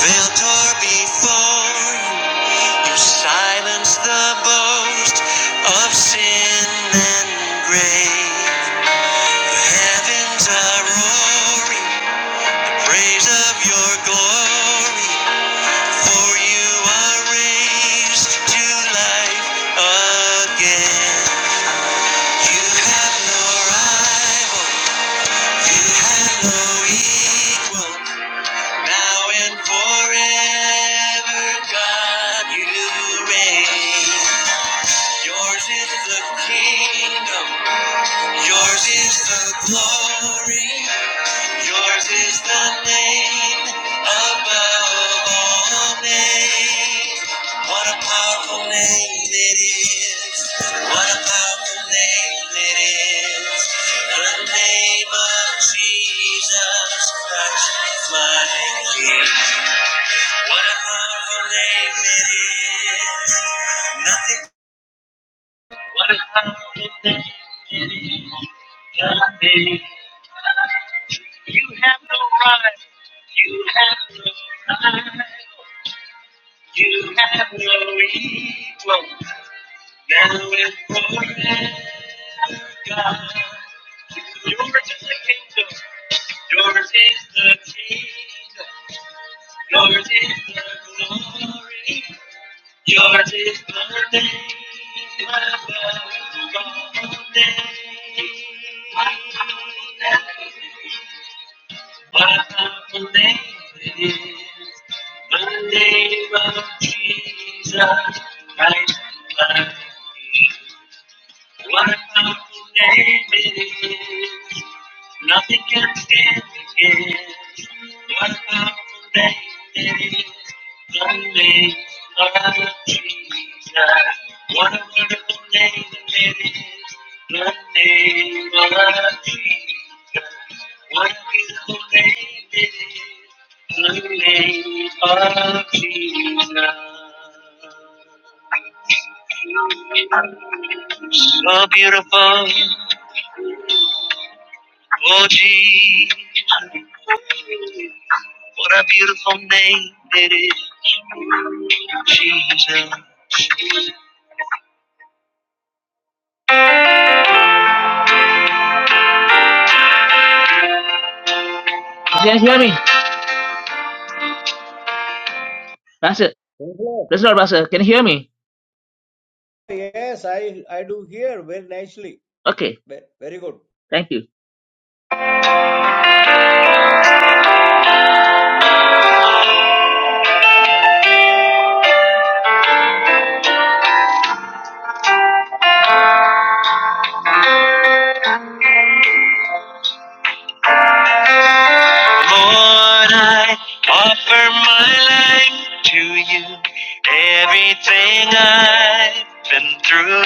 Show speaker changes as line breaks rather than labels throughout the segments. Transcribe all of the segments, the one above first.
Filter before you you silence the boast of sin and grave. The heavens are roaring, praise of your glory. For you are raised to life again. You have no rival, you have no equal. Now and forever, God, you reign. Yours is the kingdom, yours is the glory, yours is the name above all names. What a powerful name it is! What a powerful name it is! The name of Jesus Christ, my King. Whatever name it is, nothing you have no equal. Now and forever, God. Yours is the kingdom. Yours is the kingdom. Yours is the glory. Yours is the name above all names. What a name it is, the name of Jesus Christ, my King. What a name it is, Nothing can stand against what a powerful name it is. The name of Jesus. What a wonderful name it is. The name of Jesus. What a beautiful name it is. The name of Jesus. So beautiful, oh Jesus. What a beautiful name it is. Can you hear me? Pastor,
Hello.
Praise the Lord, Pastor. Can you hear me?
Yes, I, I do hear very nicely.
Okay.
Ve- Very good.
Thank you. Lord, I offer my life to you. Everything I've been through,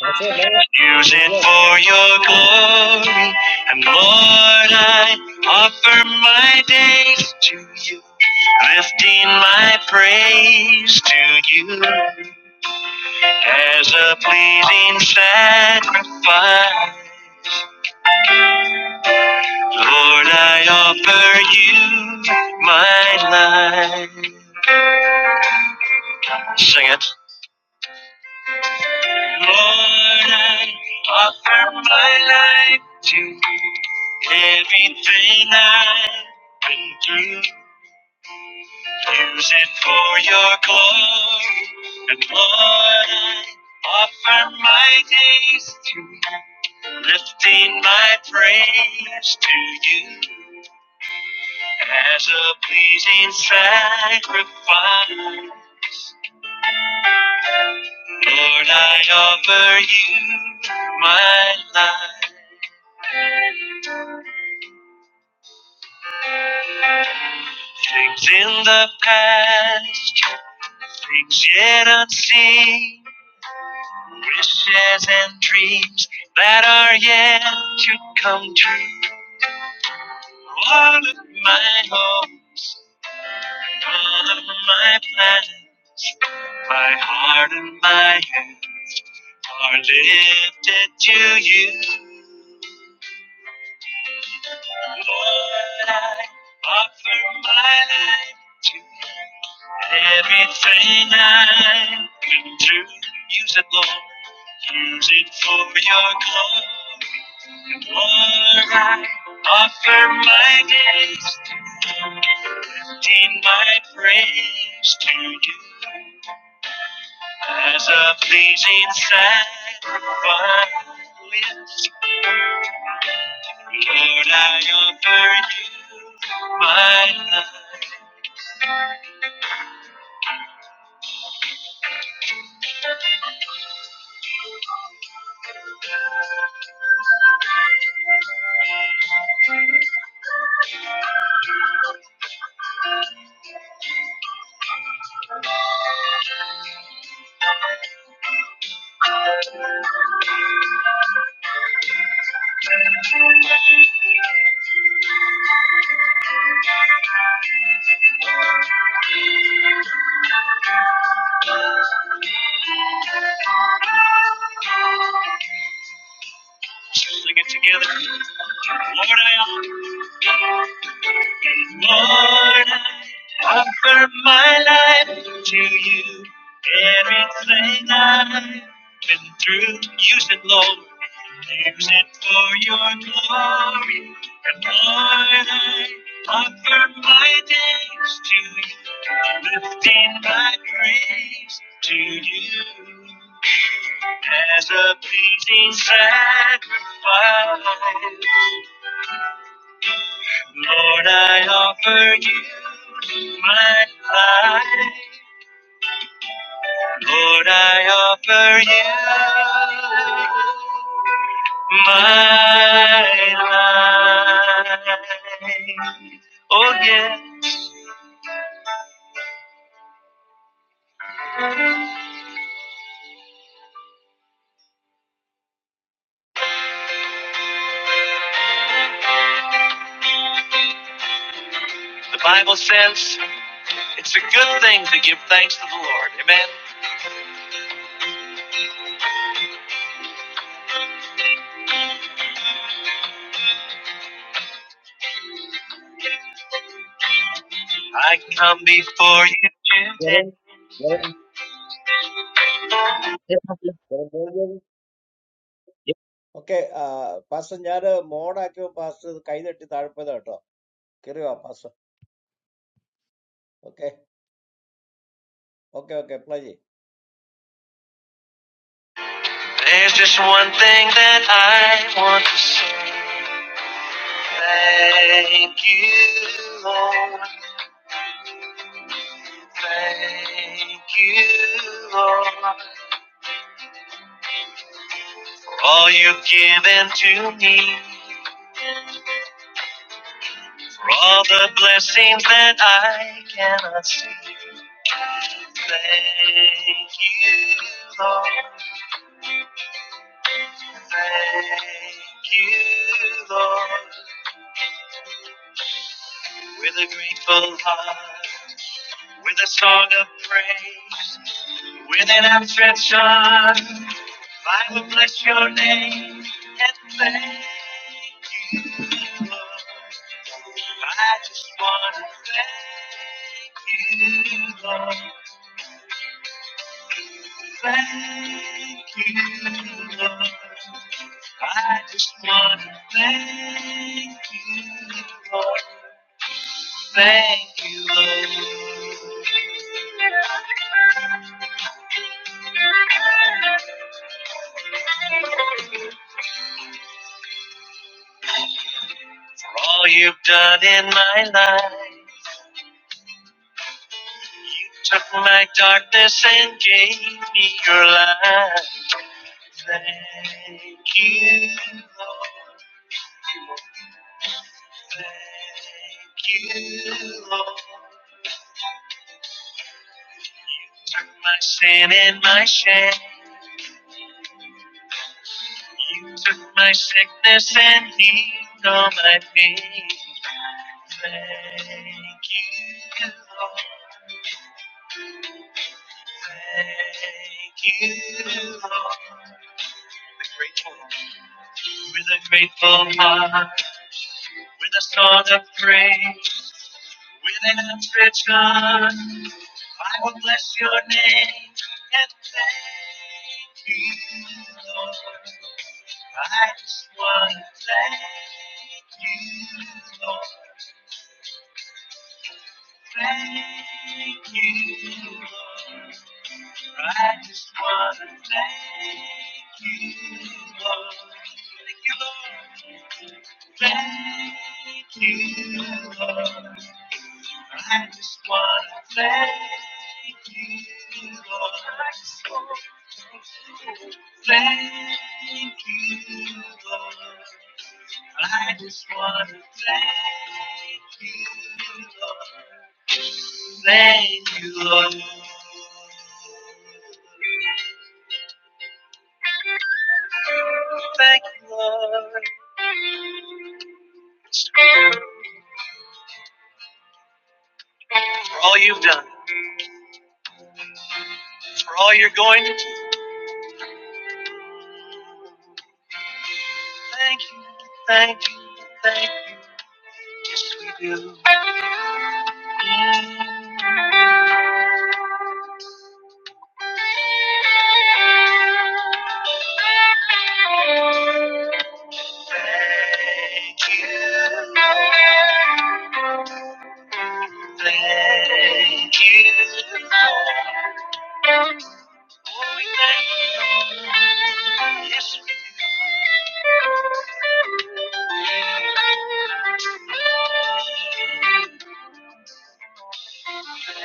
Pastor, no?
use
Thank
it
God.
for your glory. And Lord, I offer my days to you, lifting my praise to you as a pleasing sacrifice. Lord, I offer you my life. Sing it. Lord, I offer my life to you. Everything I've been through, use it for your glory. And Lord, I offer my days to you, lifting my praise to you as a pleasing sacrifice. Lord, I offer you my life. Things in the past, things yet unseen, wishes and dreams that are yet to come true. All of my hopes, all of my plans, my heart and my hands are lifted to you. Lord, I offer my life to you. everything I can do. Use it, Lord. Use it for your glory. Lord, I offer my days to you. Lifting my praise to you as a pleasing sacrifice. Lord, I offer you my life. Sing it together. Lord, I offer, Lord, I offer my life to you. Everything I've been through, use it, Lord. Use it for your glory. And Lord, I offer my days to you, lifting my praise to you. as a pleasing sacrifice. Lord, I offer you my life. Lord, I offer you my life. Oh, yeah. The Bible says it's a good thing to give thanks to the Lord. Amen. I come before you
Jaren,
today.
Jaren, Jaren, Jaren, Jaren. Okay, uh, Pastor, ഞാൻ mode ആക്കിയോ pastor കൈ തട്ടി താഴ്പ്പതാ കേട്ടോ കയറിയോ pastor okay okay okay play
There's just one thing that I want to say. Thank you, Lord. Thank you, Lord. For all you've given to me. For all the blessings that I cannot see. Thank you, Lord. Thank you, Lord. With a grateful heart, with a song of praise. With an outstretched arm, I will bless your name and thank you, Lord. I just want to thank you, Lord. Thank you, Lord. I just want to thank you, Lord. Thank you, Lord, for all you've done in my life. Took my darkness and gave me your light. Thank you, Lord. Thank you, Lord. Took my sin and my shame. You took my sickness and healed all my pain. Thank you, Lord. Thank you, Lord. With a grateful, heart. With a song of praise, with an affliction, I will bless your name and thank you, Lord. I just want to thank you, Lord. Thank you, Lord. I just want to thank you, Lord. Thank you, Lord. Thank you, Lord. I just wanna thank you, Lord. Thank you, Lord. I just wanna thank you, Lord. Thank you, Lord. Thank you, Lord, for all you've done, for all you're going to do. Thank you, thank you, thank you, we do. Mm. Thank you. Thank you. Lord. Oh, we thank you. Lord. Yes, we do. Thank you, Lord.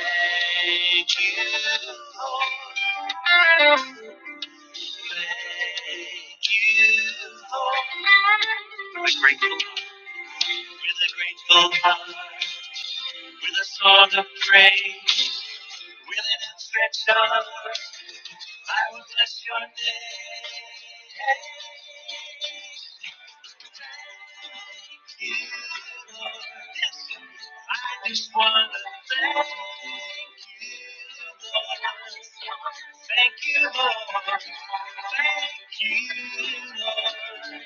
Thank you, Lord. We're grateful. With a grateful heart, with a song of praise, with an outstretched arm, I will bless your name. I just wanna thank you, Lord. Thank you, Lord. Thank you, Lord.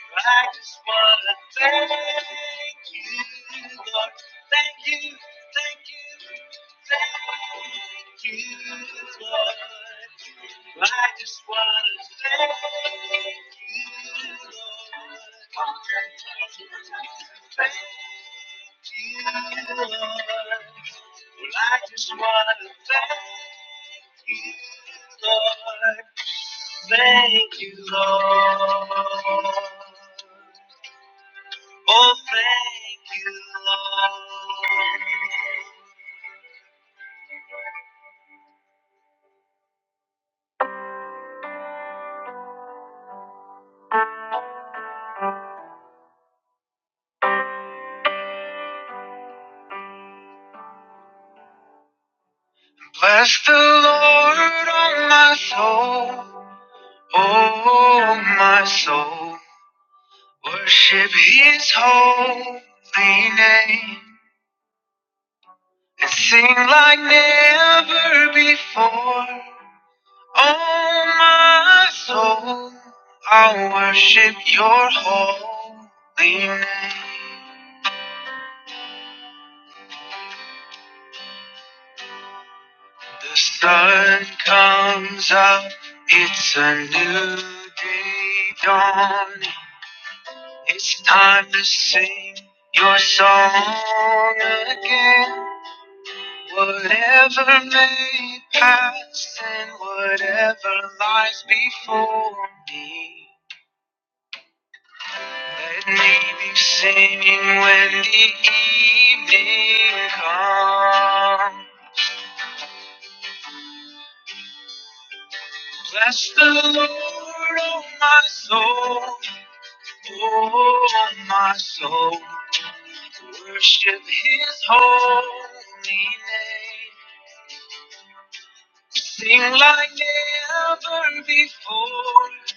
I just wanna thank you, Lord. Thank you, thank you, thank you, Lord. I just wanna thank you, Lord. Thank you, Lord. Well, I just wanna thank you, Lord. Thank you, Lord. Oh, thank you, Lord. Bless the Lord, oh my soul. Oh, my soul. Worship his holy name and sing like never before. Oh, my soul. I worship your holy name. The sun comes up, it's a new day dawning. It's time to sing your song again. Whatever may pass and whatever lies before me, let me be singing when the evening comes. Bless the Lord, oh my soul. Oh, my soul, worship his holy name. Sing like never before.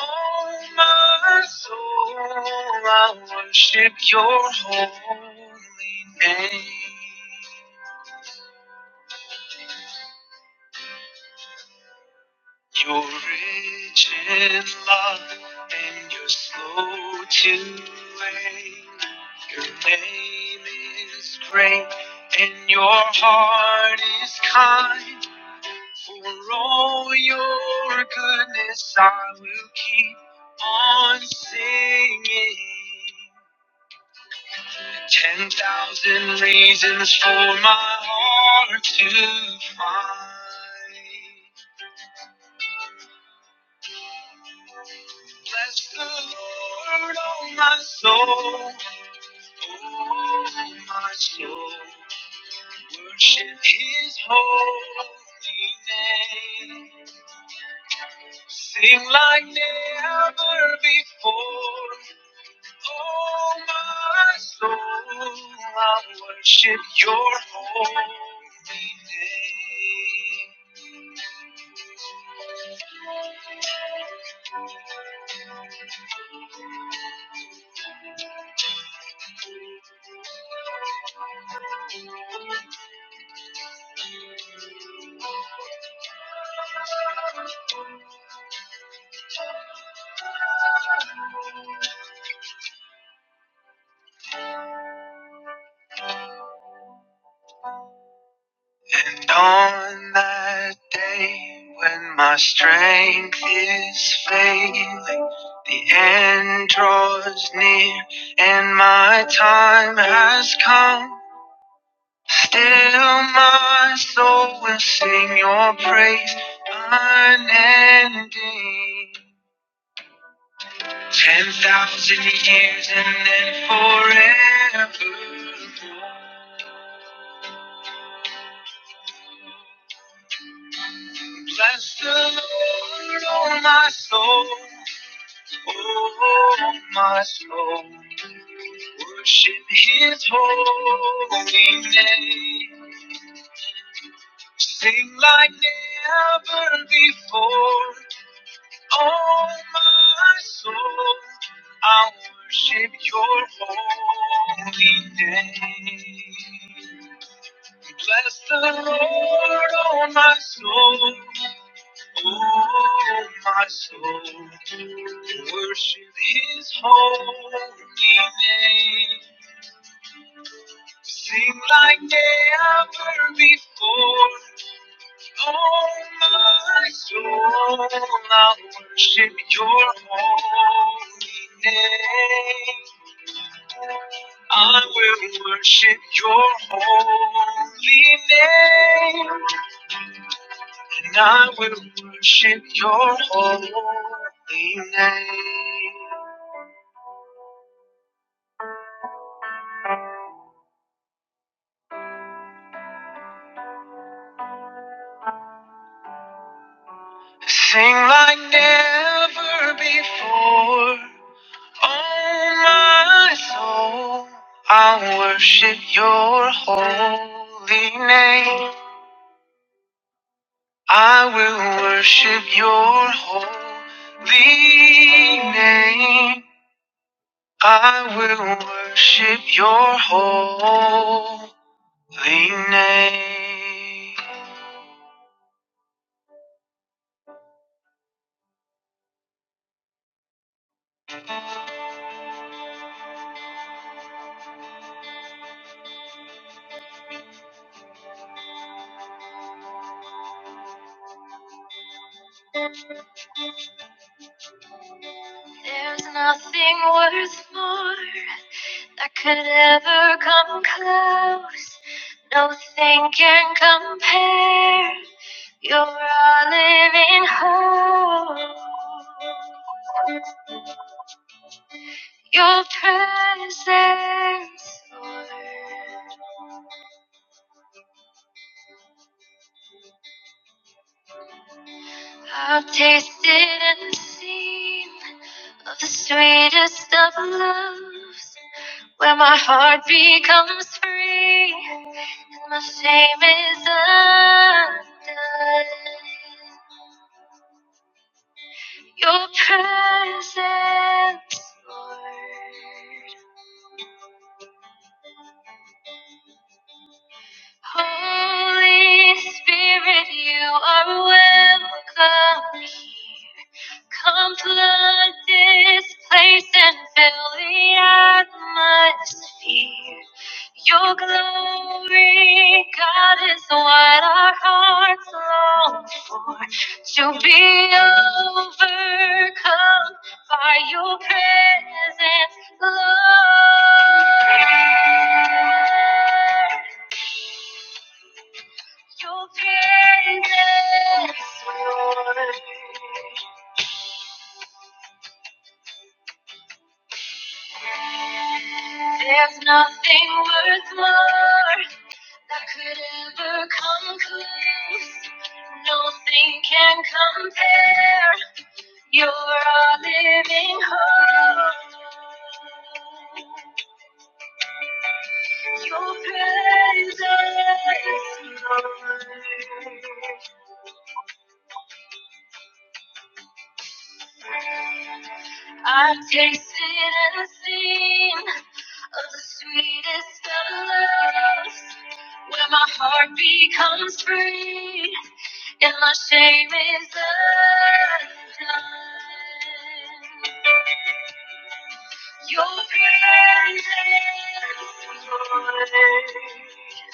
Oh, my soul, I worship your holy name. You're rich in love and you're slow to anger. Your name is great and your heart is kind. For all your goodness, I will keep on singing. Ten thousand reasons for my heart to find. Bless the Lord, oh my soul, oh my soul. Worship His holy name. Sing like never before. Oh my soul, I worship Your holy name. On that day when my strength is failing, the end draws near and my time has come. Still, my soul will sing your praise unending. Ten thousand years and then forever. Bless the Lord, oh my soul. Oh, my soul, worship his holy name. Sing like never before. Oh, my soul, I worship your holy name. Bless the Lord, oh, my soul. Oh, my soul, worship His holy name. Sing like never before. Oh, my soul, I worship Your holy name. I will worship Your holy name. And I will worship your holy name. Sing like never before. Oh, my soul, I'll worship your holy name. I will worship your holy name. I will worship your holy name. There's nothing worth more that could ever come close. Nothing can compare. You're a living hope. Your presence, Lord. I've tasted and seen of the sweetest of loves, where my heart becomes free. And My shame is undone. Your presence, Lord. Holy Spirit, you are welcome here. Come flood this place and fill the atmosphere. Your glory, God, is what our hearts long to be overcome by your presence, Lord. Your presence, Lord. There's nothing worth more that could ever come close. Nothing can compare. You're a living hope. Your presence, Lord. I've tasted and seen of the sweetest of loves, where my heart becomes free and my shame is undone. Your presence, Lord.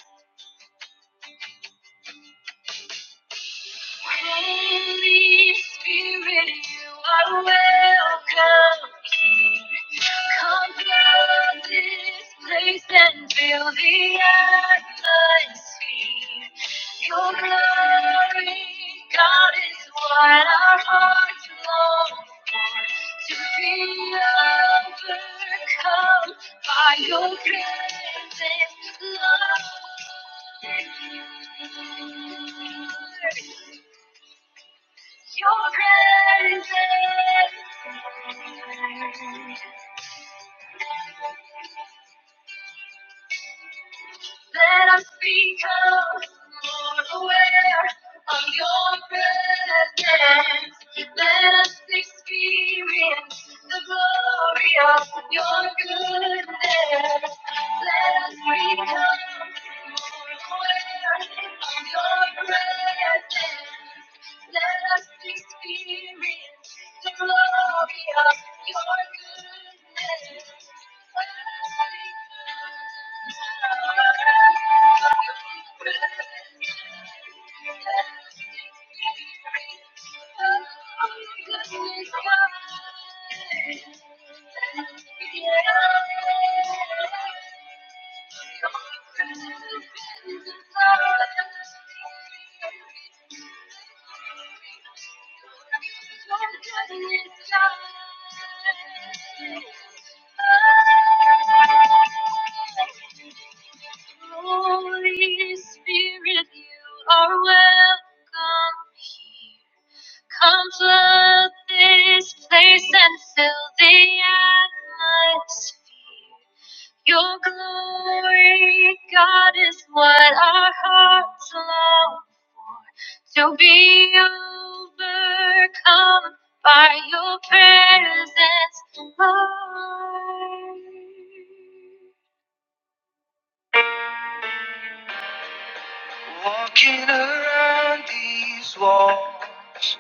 Holy Spirit, you are welcome here. Come fill this place and fill the atmosphere. Your glory, God, is what our hearts long for. To be overcome by your presence, Lord. Your presence Then I become more aware of your presence. Let us experience the glory of your goodness. Let us become more aware of your presence. Let us experience the glory of your goodness. let us become I'm a good thing. I'm a good thing. I'm a good thing. Holy Spirit, you are welcome here. Come flood this place and fill the atmosphere. Your glory, God, is what our hearts long for. To be overcome by your presence, Lord. Walking around these walls,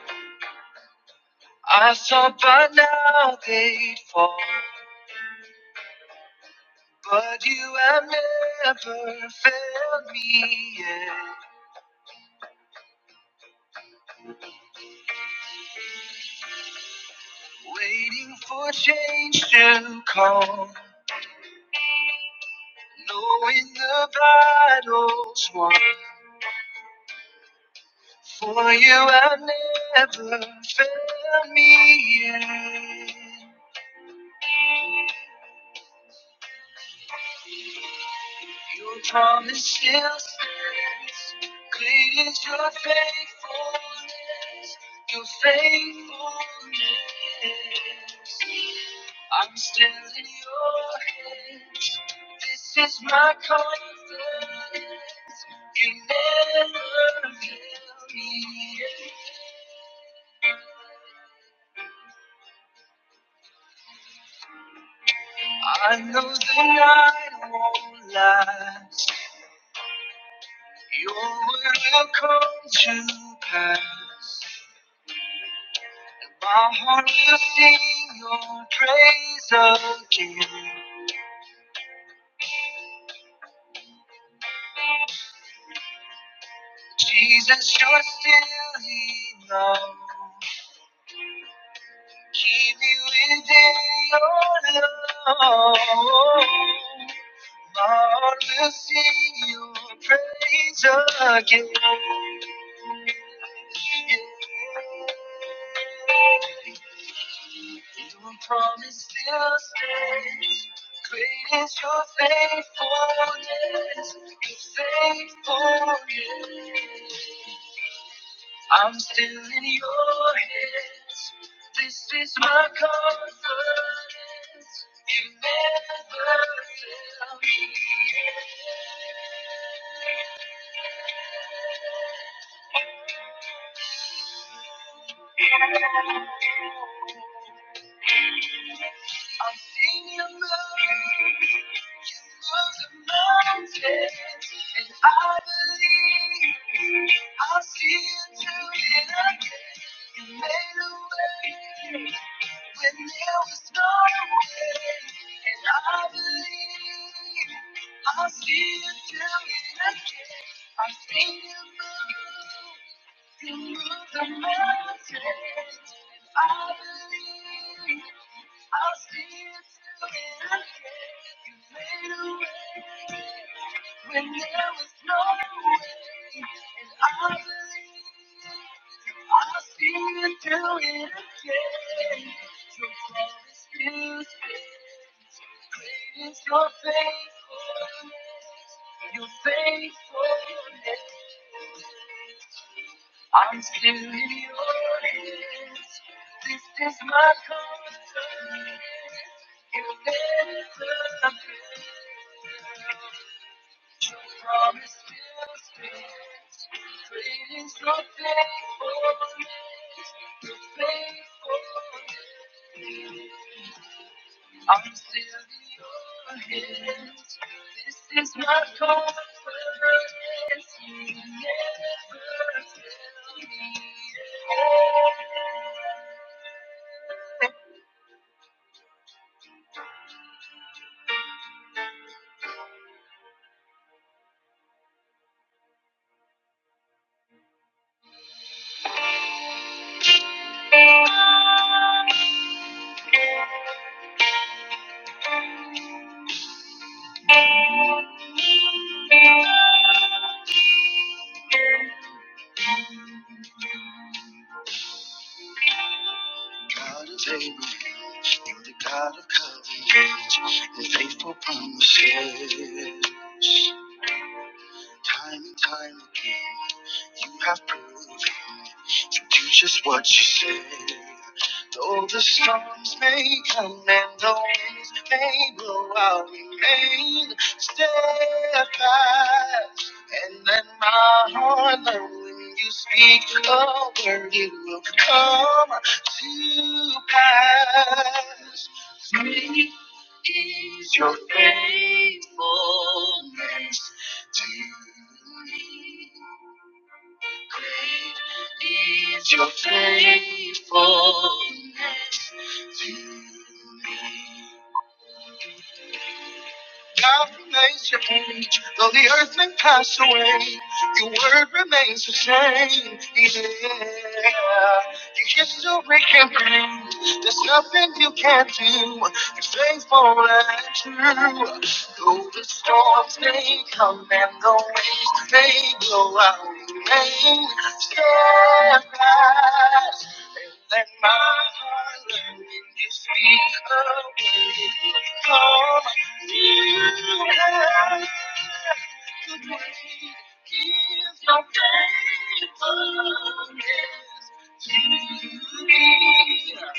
I thought by now they'd fall. But you have never failed me yet. Waiting for change to come, knowing the battle's won. For you have never failed me yet. Your promise still Great is your faithfulness, your faithfulness. I'm still in your hands. This is my confidence. You never fail me. I know the night won't last. Your word will come to pass. My heart will sing your praise again. Jesus, you're still enough. Keep me within your love. Lord, we'll sing your praise again. Your promise still stands. Great is your faithfulness. Your faithfulness. I'm still in your hands. This is my confidence. You never fail me. I sing your melody, you move the mountains, and I believe I'll see you do it again. You made a way when there was no way, and I believe I'll see you do it again. I have seen you move, you move the mountains. I believe, I'll see you through it again. You made a way when there was no way, and I believe i will see you do it again. Your promise feels good. Great is your faithfulness. Your faithfulness. I'm still in your hands. This is my confidence. You never fail. Your promise still stands. Great is your faithfulness. Your faithfulness. I'm still in your hands. This is my confidence. You never fail me. God of Abraham, you're the God of covenant and faithful promises. Time and time again, you have proven to do just what you say. Though the storms may come and the winds may blow, I'll remain steadfast. And let my heart know when you speak a word, it will come to pass. Great is your faithfulness to me. Great is your faithfulness to me. God remains changed, though the earth may pass away, your word remains the same. Yeah. Your history can prove there's nothing you can't do. You're faithful and true. Though the storms may come and the waves may blow, I will remain steadfast. Let my heart learn when you speak a word from you. To the faithfulness to me.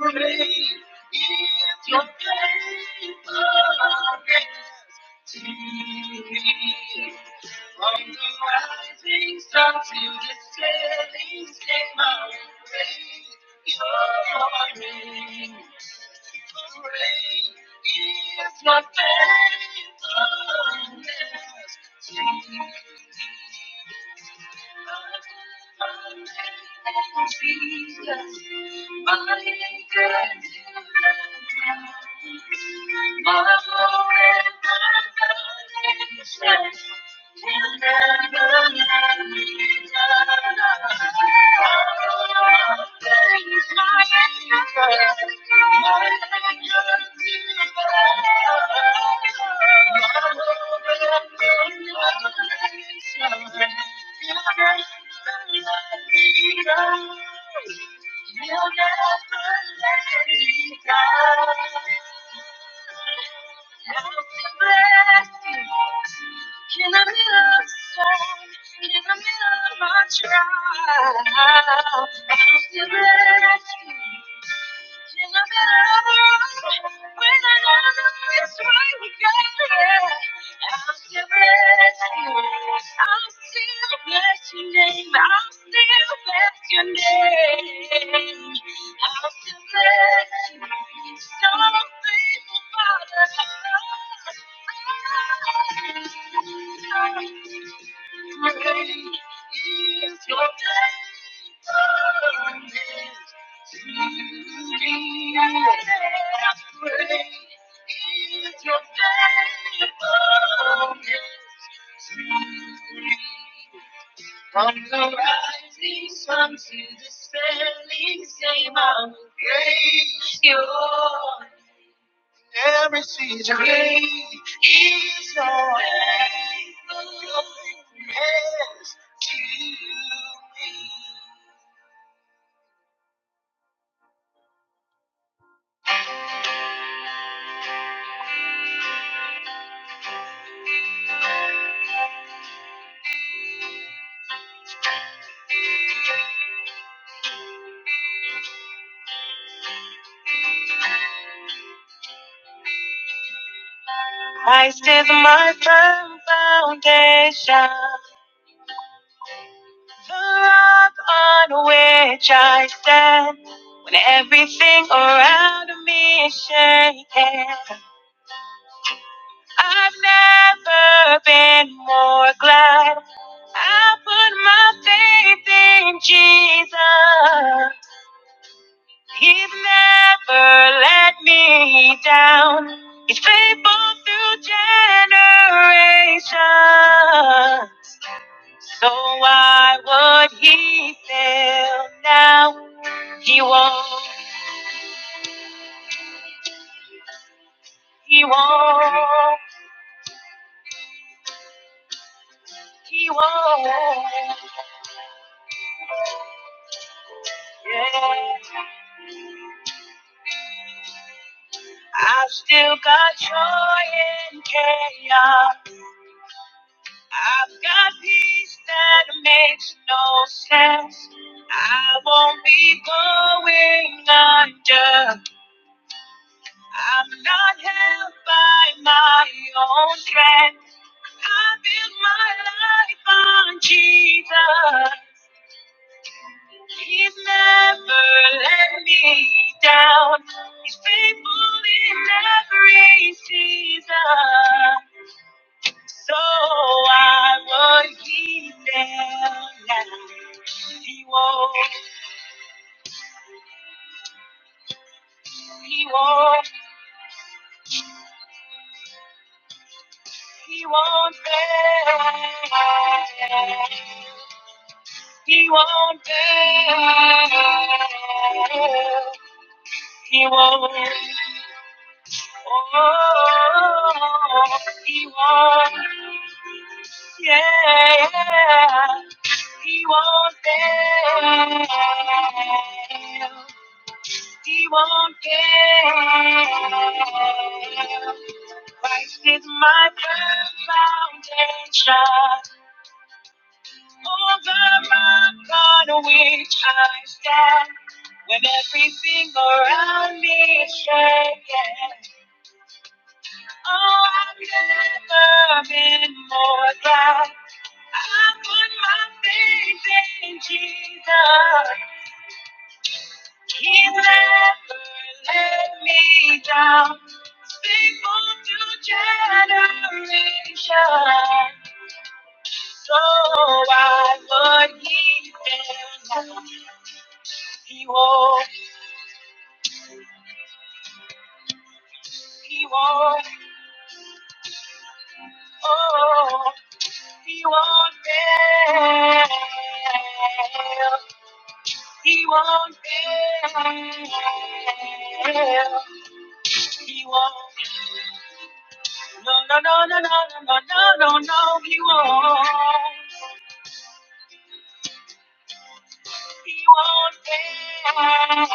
Great is your faithfulness to me. From the rising sun to the setting sun, I will praise your name. Great is your faithfulness to me. Jesus, My Thank you. You'll never let me down. In the middle of the storm, in the middle of my trial, I feel rescued. Thank Father. From the rising sun to the setting same, I will praise you. Every season great is your way. Your faithfulness to me. Christ is my firm foundation, the rock on which I stand. When everything around me is shaking, I've never been more glad. I put my faith in Jesus. He's never let me down. He's faithful through generations. So why would he fail now? He won't, he won't, he won't. Yeah. I've still got joy in chaos. I've got peace that makes no sense. I won't be going under. I'm not held by my own strength. I build my life on Jesus. He's never let me down. He's faithful in every season. So I would he down now. He won't, he won't, he won't fail. He won't fail. He won't. Oh, he won't. Yeah, he won't fail. He won't care. Christ is my firm foundation, over my God on which I stand. When everything around me is shaking, oh, I've never been more glad. I put my faith in Jesus. He never let me down. faithful to generation. So why would he fail? He won't, he won't, oh, he won't fail. He won't fail. He won't. No, no, no, no, no, no, no, no, no, no, he won't. He won't fail.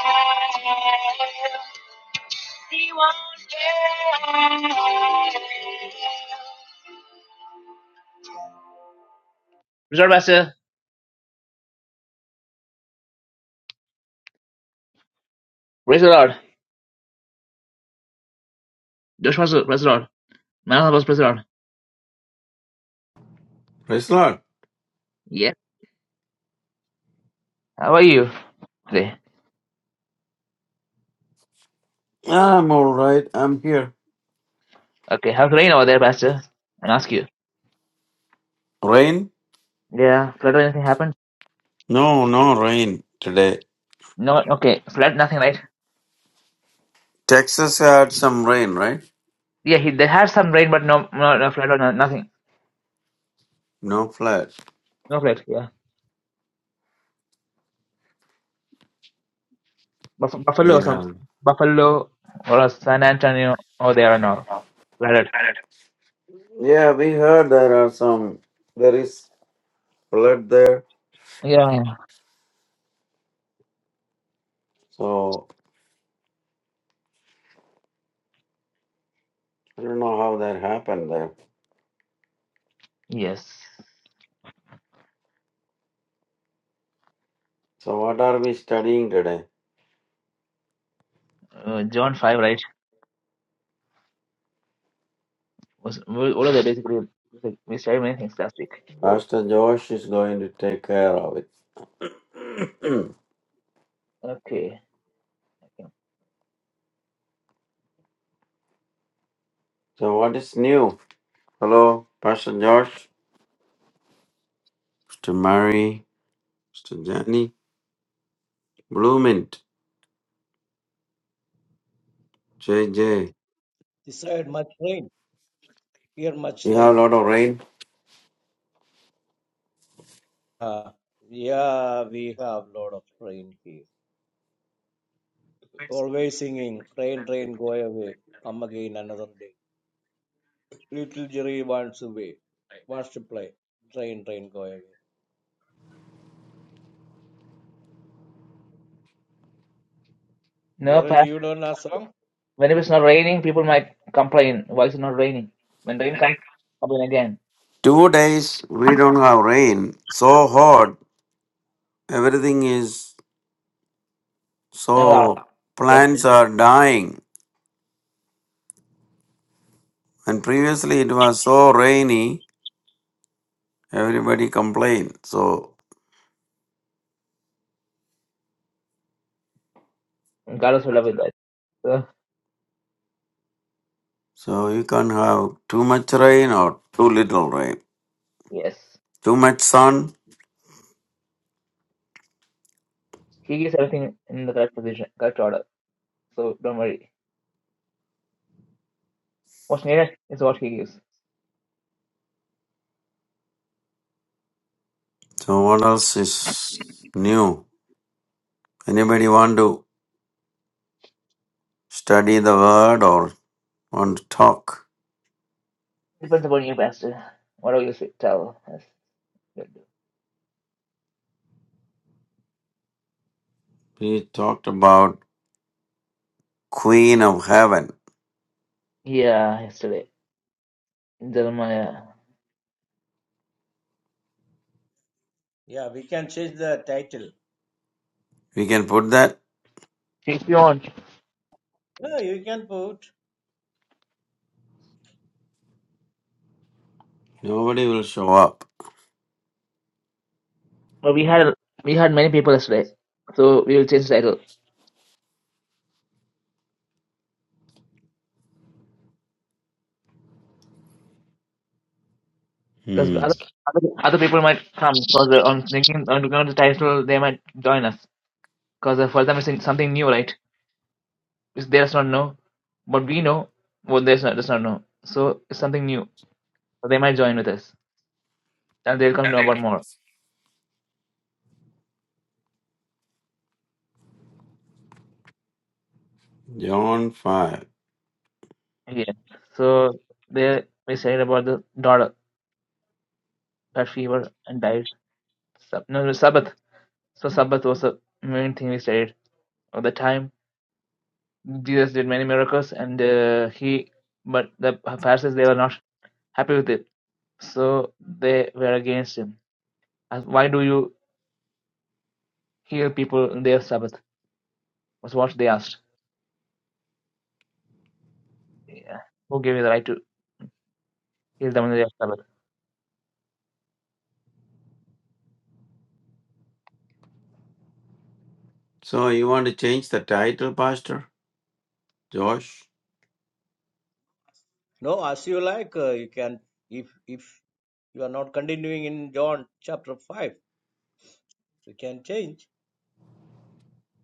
He won't fail. Praise the Lord, Pastor. Praise the Lord. Josh Pastor, praise the Lord. Man of the Lord, praise the Lord.
Praise the Lord.
Yeah. How are you today?
I'm all right. I'm here.
Okay, how's the rain over there, Pastor? I'll ask you.
Rain?
Yeah, flood or anything happened?
No, no rain today.
No, okay. Flood, nothing, right?
Texas had some rain, right?
Yeah, he, they had some rain, but no, no, no flood or no, nothing.
No flood.
No flood, yeah. Buff- Buffalo or some
Yeah.
Buffalo or San Antonio. or they are all. flooded.
Yeah, we heard there are some, there is flood there.
Yeah.
So I don't know how that happened there.
Yes.
So what are we studying today?
Uh, John five right was well, all of that basically like, we started many things last week. So
Pastor Josh is going to take care of it.
okay.
so what is new? Hello, Pastor Josh, Mr. Mary, Mr. Johnny, Bloomint, J J.
ചെയ് much rain here much
We have a lot of rain.
yeah we have lot of rain here always singing rain rain go away come again another day little jerry wants away wants to play rain rain go away
No,
Jaren,
pa-
do you know our song?
when it was not raining, people might complain. Why is it not raining? When rain comes, complain again.
Two days we don't have rain. So hot. Everything is
No, no.
so
yeah.
plants are dying. And previously it was so rainy, everybody complained. So
God is will love with that. So
so you can't have too much rain or too little rain.
yes,
Too much sun.
He gives everything in the correct position, correct order. So don't worry. What's needed is what He gives.
So what else is new? Anybody want to study the word or want to talk?
Depends upon you, Pastor. What Whatever you say, tell us.
We talked about Queen of Heaven.
Yeah, yesterday. in Jeremiah.
Yeah, we can change the title.
We can put that
She's beyond.
Yeah, you can put.
Nobody will show up.
But we had we had many people yesterday. So we will change the title. Because
Hmm.
other, other other people might come because on thinking on looking at the title they might join us. Because for them it's something new, right? Which they does not know. But we know what they does not, does not know. So it's something new. So they might join with us. And they'll come to know about more.
John 5.
Yeah. So they we said about the daughter that fever and died. Sab- no, no, Sabbath. So Sabbath was the main thing we studied at the time. Jesus did many miracles, and uh, he, but the Pharisees they were not happy with it, so they were against him. As why do you heal people on their Sabbath? Was what they asked. Yeah. Who gave you the right to heal them on their Sabbath?
So you want to change the title, Pastor? Josh?
No, as you like. Uh, you can if if you are not continuing in John chapter five, you can change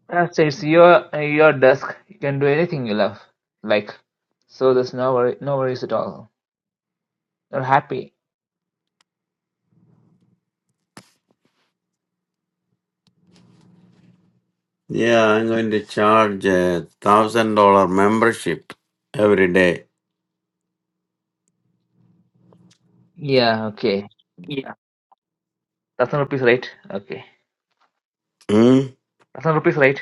That it's your your desk. You can do anything you love, like. So there's no worry, no worries at all. You're happy.
Yeah, I'm going to charge a thousand dollar membership every day.
Yeah. Okay. Thousand rupees, right? Okay.
Hmm?
Thousand rupees, right?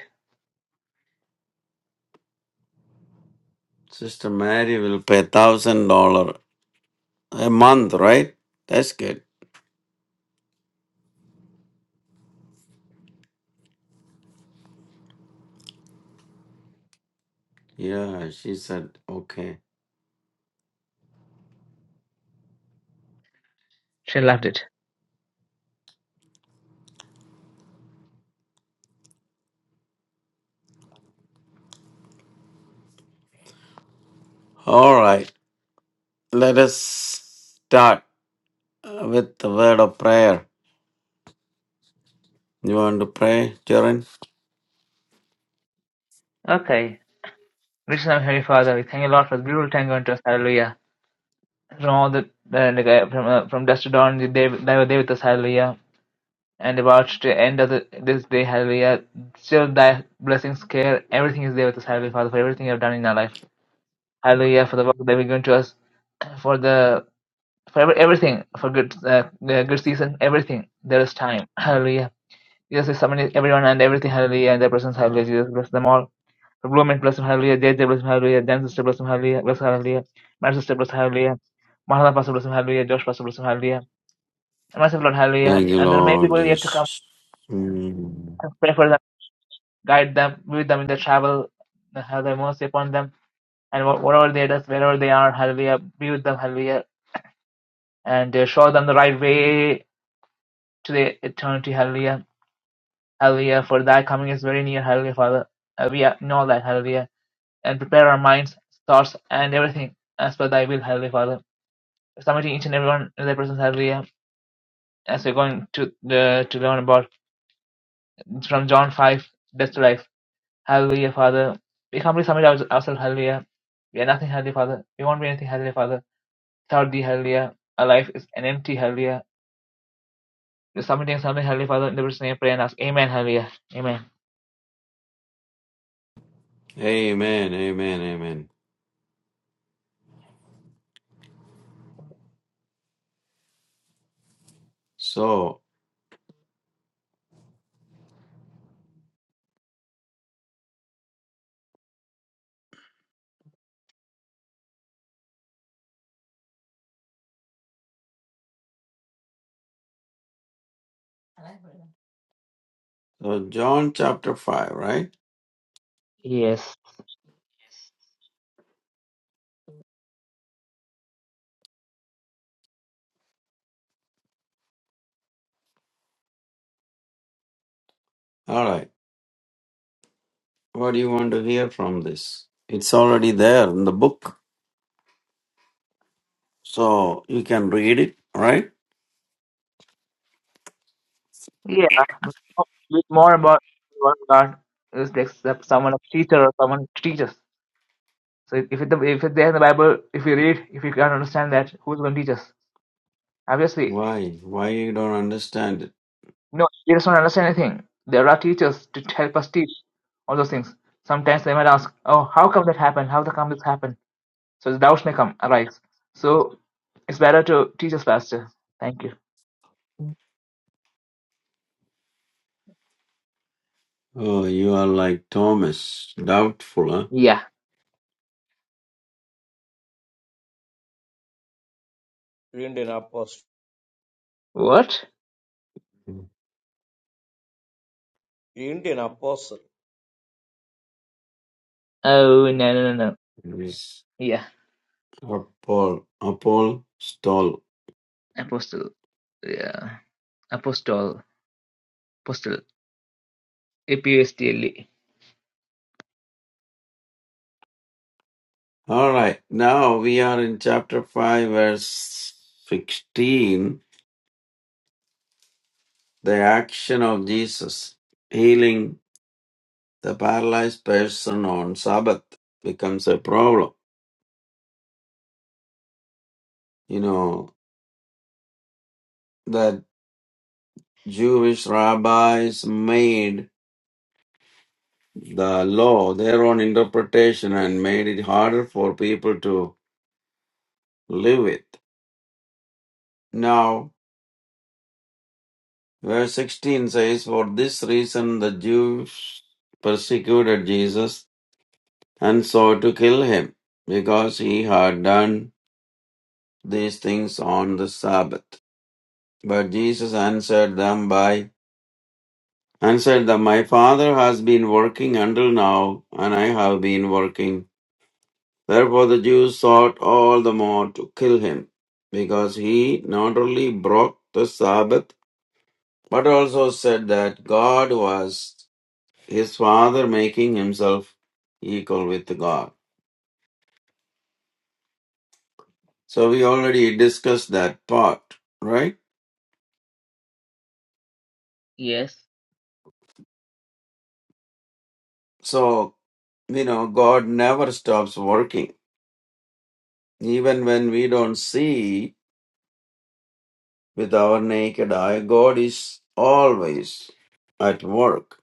Sister Mary will pay thousand dollar a month, right? That's good. Yeah, she said okay.
She loved it.
All right. Let us start uh, with the word of prayer. You want to pray, Jaren?
Okay. Rich and am Heavenly Father, we thank you, Lord, for this beautiful time going to us. Hallelujah. From all the, uh, like, uh, from, uh, from dusk to dawn, you they, they were there with us. Hallelujah. And about the end of the, this day, hallelujah. Still, thy blessings, care, everything is there with us, Hallelujah, Father, for everything you have done in our life. Hallelujah, for the work that we're going to us, for the, for every, everything, for good, uh, the good season, everything. There is time. Hallelujah. Jesus is summoning everyone and everything, hallelujah, and their presence, hallelujah. Jesus bless them all. Blooming, bless him, hallelujah. JJ, bless him, hallelujah. Jan sister, bless him, hallelujah. Bless him, hallelujah. My sister, bless him, hallelujah. Mahala pastor, bless him, hallelujah. Josh pastor, bless him, hallelujah. And myself, Lord, hallelujah.
Thank you,
And there may be
Lord
people yet to come.
Jesus.
Pray for them, guide them, be with them in their travel, have their mercy upon them. And wh- whatever they does, wherever they are, hallelujah, be with them, hallelujah. And uh, show them the right way to the eternity, hallelujah. Hallelujah, for thy coming is very near, hallelujah, Father. Uh, we uh, know that, hallelujah. And prepare our minds, thoughts, and everything as per thy will, hallelujah, Father. submitting each and every one of their personal hallelujah as we're going to the to learn about it's from John five death to life hallelujah Father we humbly submit our, ourselves hallelujah we are nothing hallelujah Father we won't be anything hallelujah Father without thee hallelujah our life is an empty hallelujah we're submitting something hallelujah Father in the personal name of prayer and ask Amen hallelujah Amen
Amen. Amen. Amen. So, uh, John chapter 5, right?
Yes.
All right. What do you want to hear from this? It's already there in the book. So, you can read it, right?
yeah but more about one God is like some- someone a teacher or someone to teach us so if it, if it's there in the Bible if we read if we can't understand that who's going to teach us Obviously,
Why? Why you don't understand it?
no, we just don't understand anything. There are teachers to help us teach all those things. Sometimes they might ask, "Oh, how come that happened? How the come this happened?" So the doubts may come arise. So it's better to teach us faster. Thank you.
Oh, you are like Thomas, doubtful,
Yeah.
Indian apostle.
What?
huh?
Indian apostle.
Oh no no no no.
Yes.
Yeah.
Apol, Apol, stall.
Apostle. Yeah. Apostle. Apostle. A P O S T L E.
All right. Now we are in chapter 5, verse 16. The action of Jesus healing the paralyzed person on Sabbath becomes a problem. You know, that Jewish rabbis made the law their own interpretation and made it harder for people to live with. Now, verse 16 says, For this reason the Jews persecuted Jesus and sought to kill him, because he had done these things on the Sabbath. But Jesus answered them by and said that my father has been working until now, and I have been working. Therefore the Jews sought all the more to kill him, because he not only broke the Sabbath, but also said that God was his father making himself equal with God. So we already discussed that part, right?
Yes.
So, you know, God never stops working. Even when we don't see with our naked eye. God is always at work.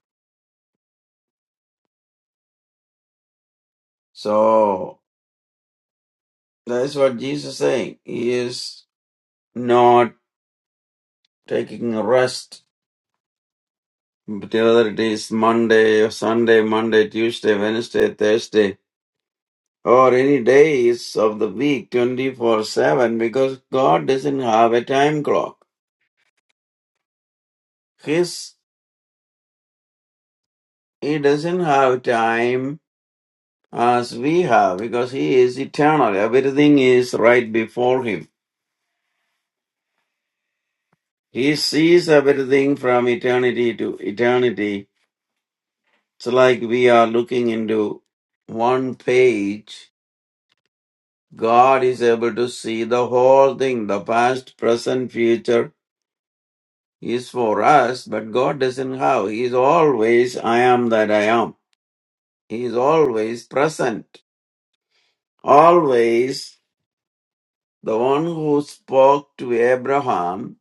So that's what Jesus is saying. He is not taking a rest, whether it is Monday or Sunday, Monday, Tuesday, Wednesday, Thursday, or any days of the week, 24 7, because God doesn't have a time clock. His, he doesn't have time as we have because he is eternal. Everything is right before him He sees everything from eternity to eternity. It's like we are looking into one page. God is able to see the whole thing, the past, present, future is for us, but God doesn't have. He is always I am that I am. He is always present. Always the one who spoke to Abraham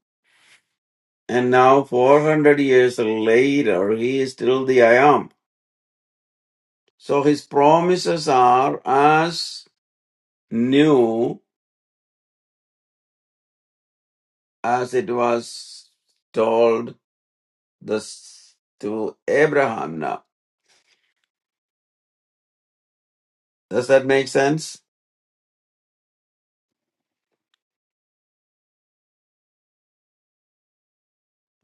and now 400 years later, he is still the I am. So his promises are as new as it was told this to Abraham now. Does that make sense?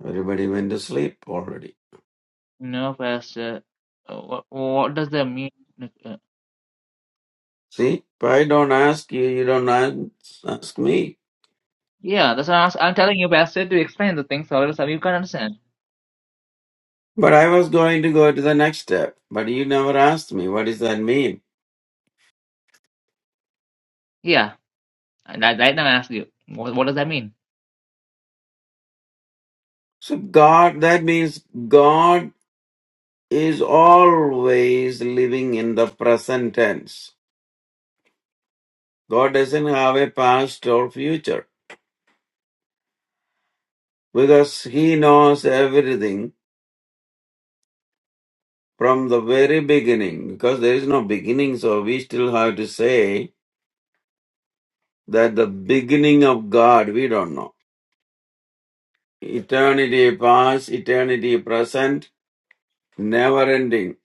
Everybody went to sleep already.
No, Pastor. Uh, What, what does that mean? Like, Uh,
See, if I don't ask you, you don't ask, ask me.
Yeah, that's what I'm, I'm telling you, Pastor, to explain the things, or else you can't understand.
But I was going to go to the next step, but you never asked me. What does that mean?
Yeah. And I, right now I ask you, what, what does that mean?
So God, that means God is always living in the present tense. God doesn't have a past or future because He knows everything from the very beginning. Because there is no beginning, so we still have to say that the beginning of God we don't know. Eternity past, eternity present, never ending.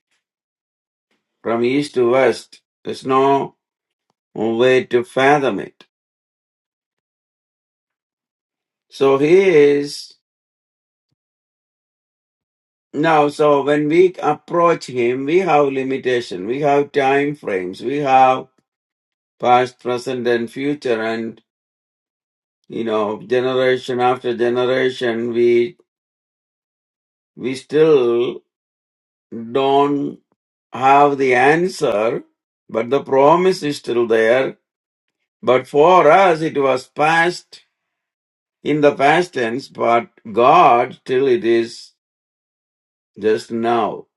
From east to west, there's no way to fathom it. So He is now. So when we approach Him, we have limitation, we have time frames, we have past, present, and future, and you know, generation after generation, we we still don't have the answer, but the promise is still there. But for us, it was past in the past tense, but God still it is just now.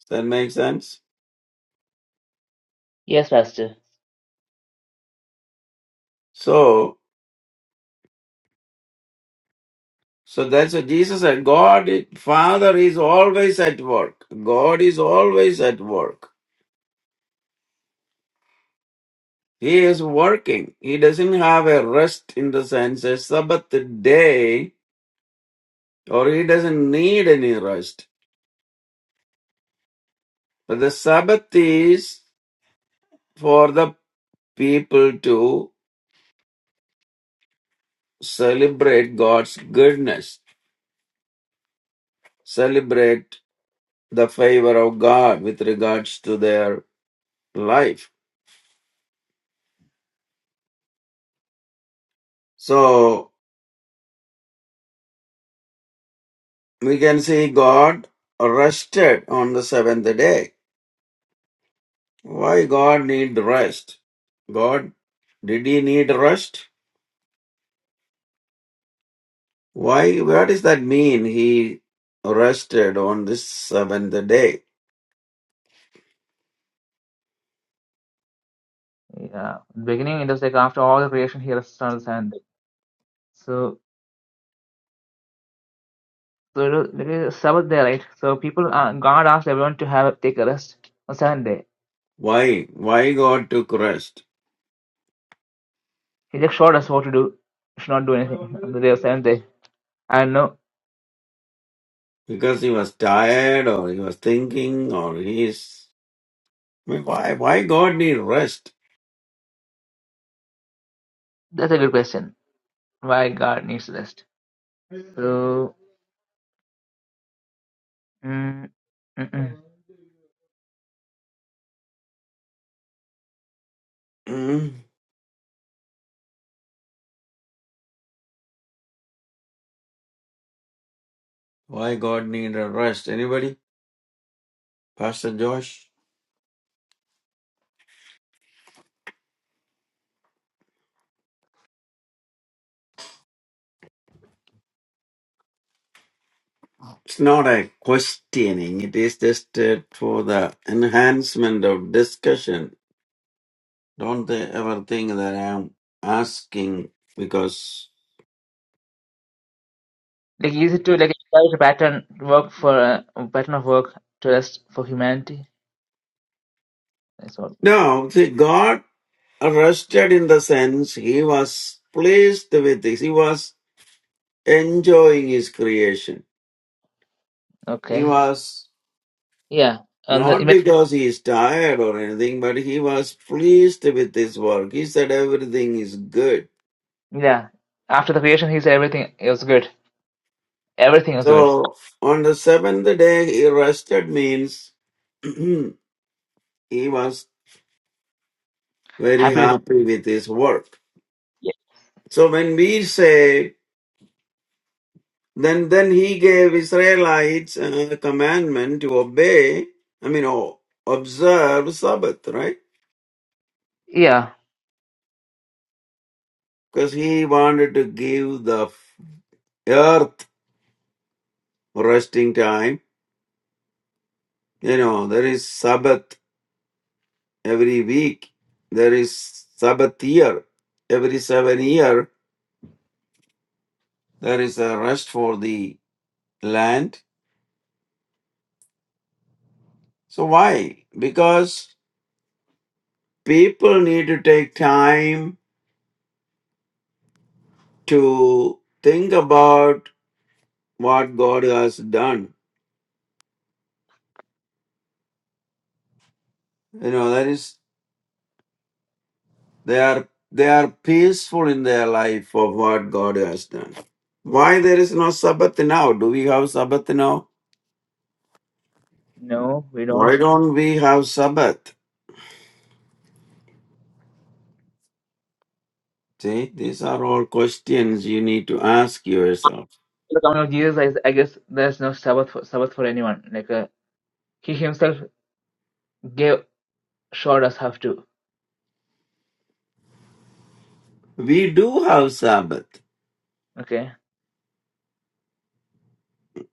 Does that make sense?
Yes, Pastor.
So, so that's what Jesus said. God, Father is always at work. God is always at work. He is working. He doesn't have a rest in the sense a Sabbath day, or he doesn't need any rest. But the Sabbath is for the people to celebrate God's goodness, celebrate the favor of God with regards to their life. So we can see God rested on the seventh day. Why God need rest? God, did he need rest? Why, what does that mean? He rested on this seventh day.
Yeah, beginning it was like after all the creation, he rests on the seventh day. So, so it was, it is Sabbath day, right? So people, uh, God asked everyone to have take a rest on seventh day.
Why? Why God took rest?
He just showed us what to do. We should not do anything on the day of seventh day. I don't know
Because he was tired or he was thinking or he is. I mean, Why, why God need rest?
that's a good question. Why God needs rest? So, mm, mm-mm.
Mm. Why God need a rest? Anybody? Pastor Josh? It's not a questioning. It is just uh, for the enhancement of discussion. Don't they ever think that I am asking because
like easy to like establish a pattern work for uh, a pattern of work to rest for humanity? That's all.
no, see, God Rested in the sense he was pleased with this. He was enjoying his creation. He
Okay.
was
Yeah. and the
not because he is tired or anything, but he was pleased with his work. He said everything is good.
Yeah. After the creation, he said everything was good. Everything was good.
So on the seventh day he rested means he was very
Happy with it.
happy with his work.
Ye-
So when we say Then, then he gave Israelites uh, the commandment to obey, I mean, oh, observe Sabbath, right?
Yeah.
Because he wanted to give the earth resting time. You know, there is Sabbath every week, there is Sabbath year. Every seven year, there is a rest for the land. So why? Because people need to take time to think about what God has done You know, that is, they are, they are peaceful in their life of what God has done. Why there is no Sabbath now? Do we have Sabbath now?
No, we don't.
Why don't we have Sabbath? See, these are all questions you need to ask yourself.
In The coming of Jesus, I, I guess there's no Sabbath for, Sabbath for anyone. Like uh, he himself gave showed us how to.
We do have Sabbath,
Okay.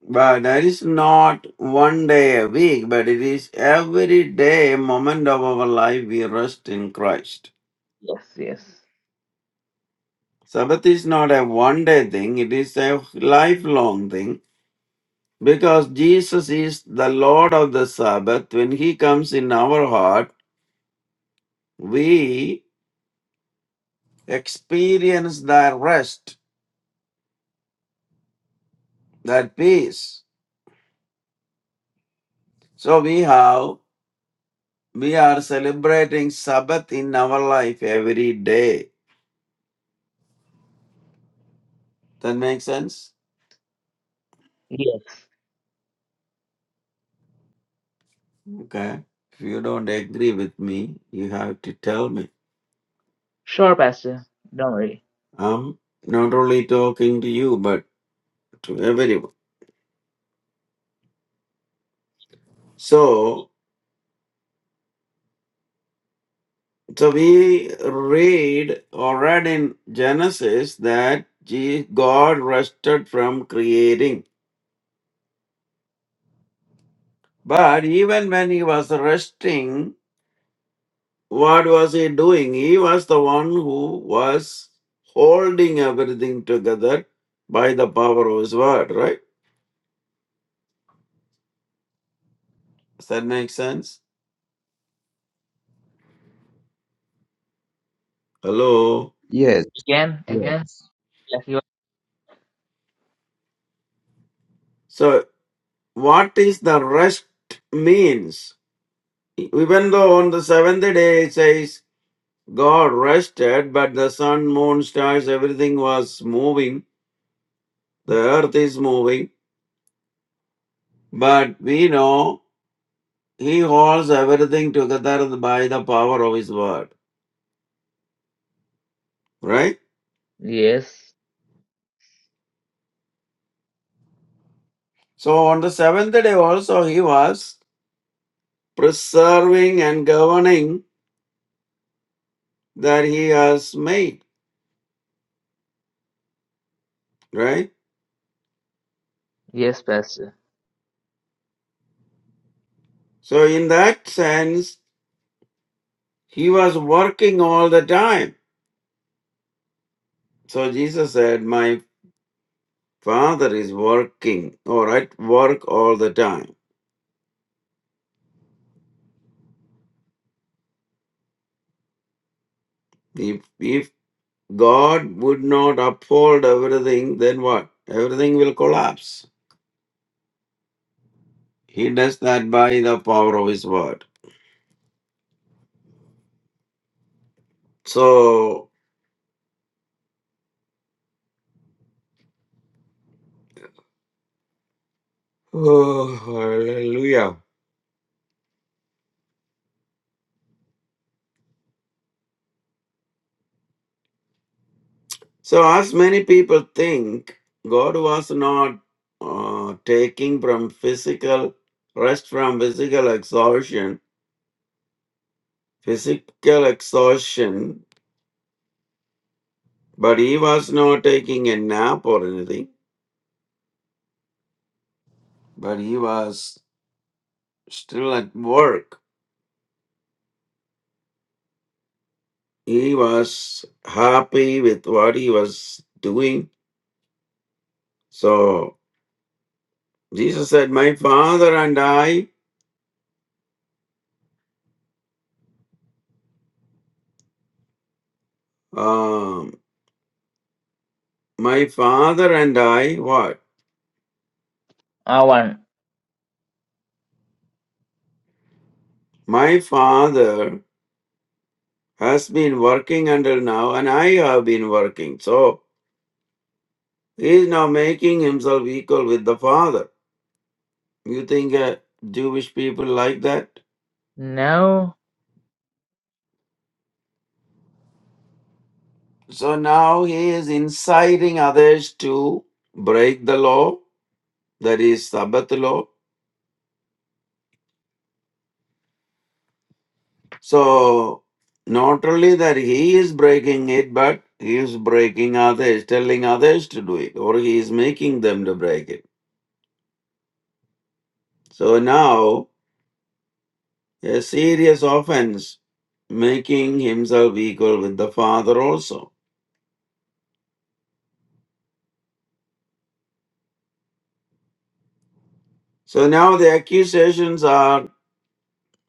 but that is not one day a week, but it is every day, moment of our life, we rest in Christ.
Yes. Yes.
Sabbath is not a one day thing, it is a lifelong thing Because Jesus is the Lord of the Sabbath, when He comes in our heart, we experience that rest, that peace. So we have, we are celebrating Sabbath in our life every day. That makes sense?
Yes.
Okay. If you don't agree with me, you have to tell me.
Sure, Pastor. Don't worry.
I'm not only talking to you, but to everyone. So So we read or read in Genesis that Je- God rested from creating. But even when he was resting, what was he doing? He was the one who was holding everything together by the power of his word, right? Does that make sense? Hello?
Yes,
Again.
yes.
Again. Like you-
So, what is the rest means? Even though on the seventh day it says God rested, but the sun, moon, stars, everything was moving. The earth is moving. But we know He holds everything together by the power of His word. Right?
Yes.
So on the seventh day also, He was preserving and governing that He has made. Right?
Yes, Pastor.
So in that sense, He was working all the time. So Jesus said, My Father is working or at work all the time. If, if God would not uphold everything, then what? Everything will collapse. He does that by the power of His word. So, oh, hallelujah. So, as many people think, God was not uh, taking from physical rest from physical exhaustion, physical exhaustion, but he was not taking a nap or anything, but he was still at work He was happy with what he was doing. So Jesus said, My father and I, um, my father and I, what?
Ah, one.
My father has been working until now, and I have been working. So he is now making himself equal with the father. You think uh, Jewish people like that?
No.
So now he is inciting others to break the law, that is Sabbath law, So not only that he is breaking it, but he is breaking others, telling others to do it, or he is making them to break it. So now a serious offense, making himself equal with the Father also. So now the accusations are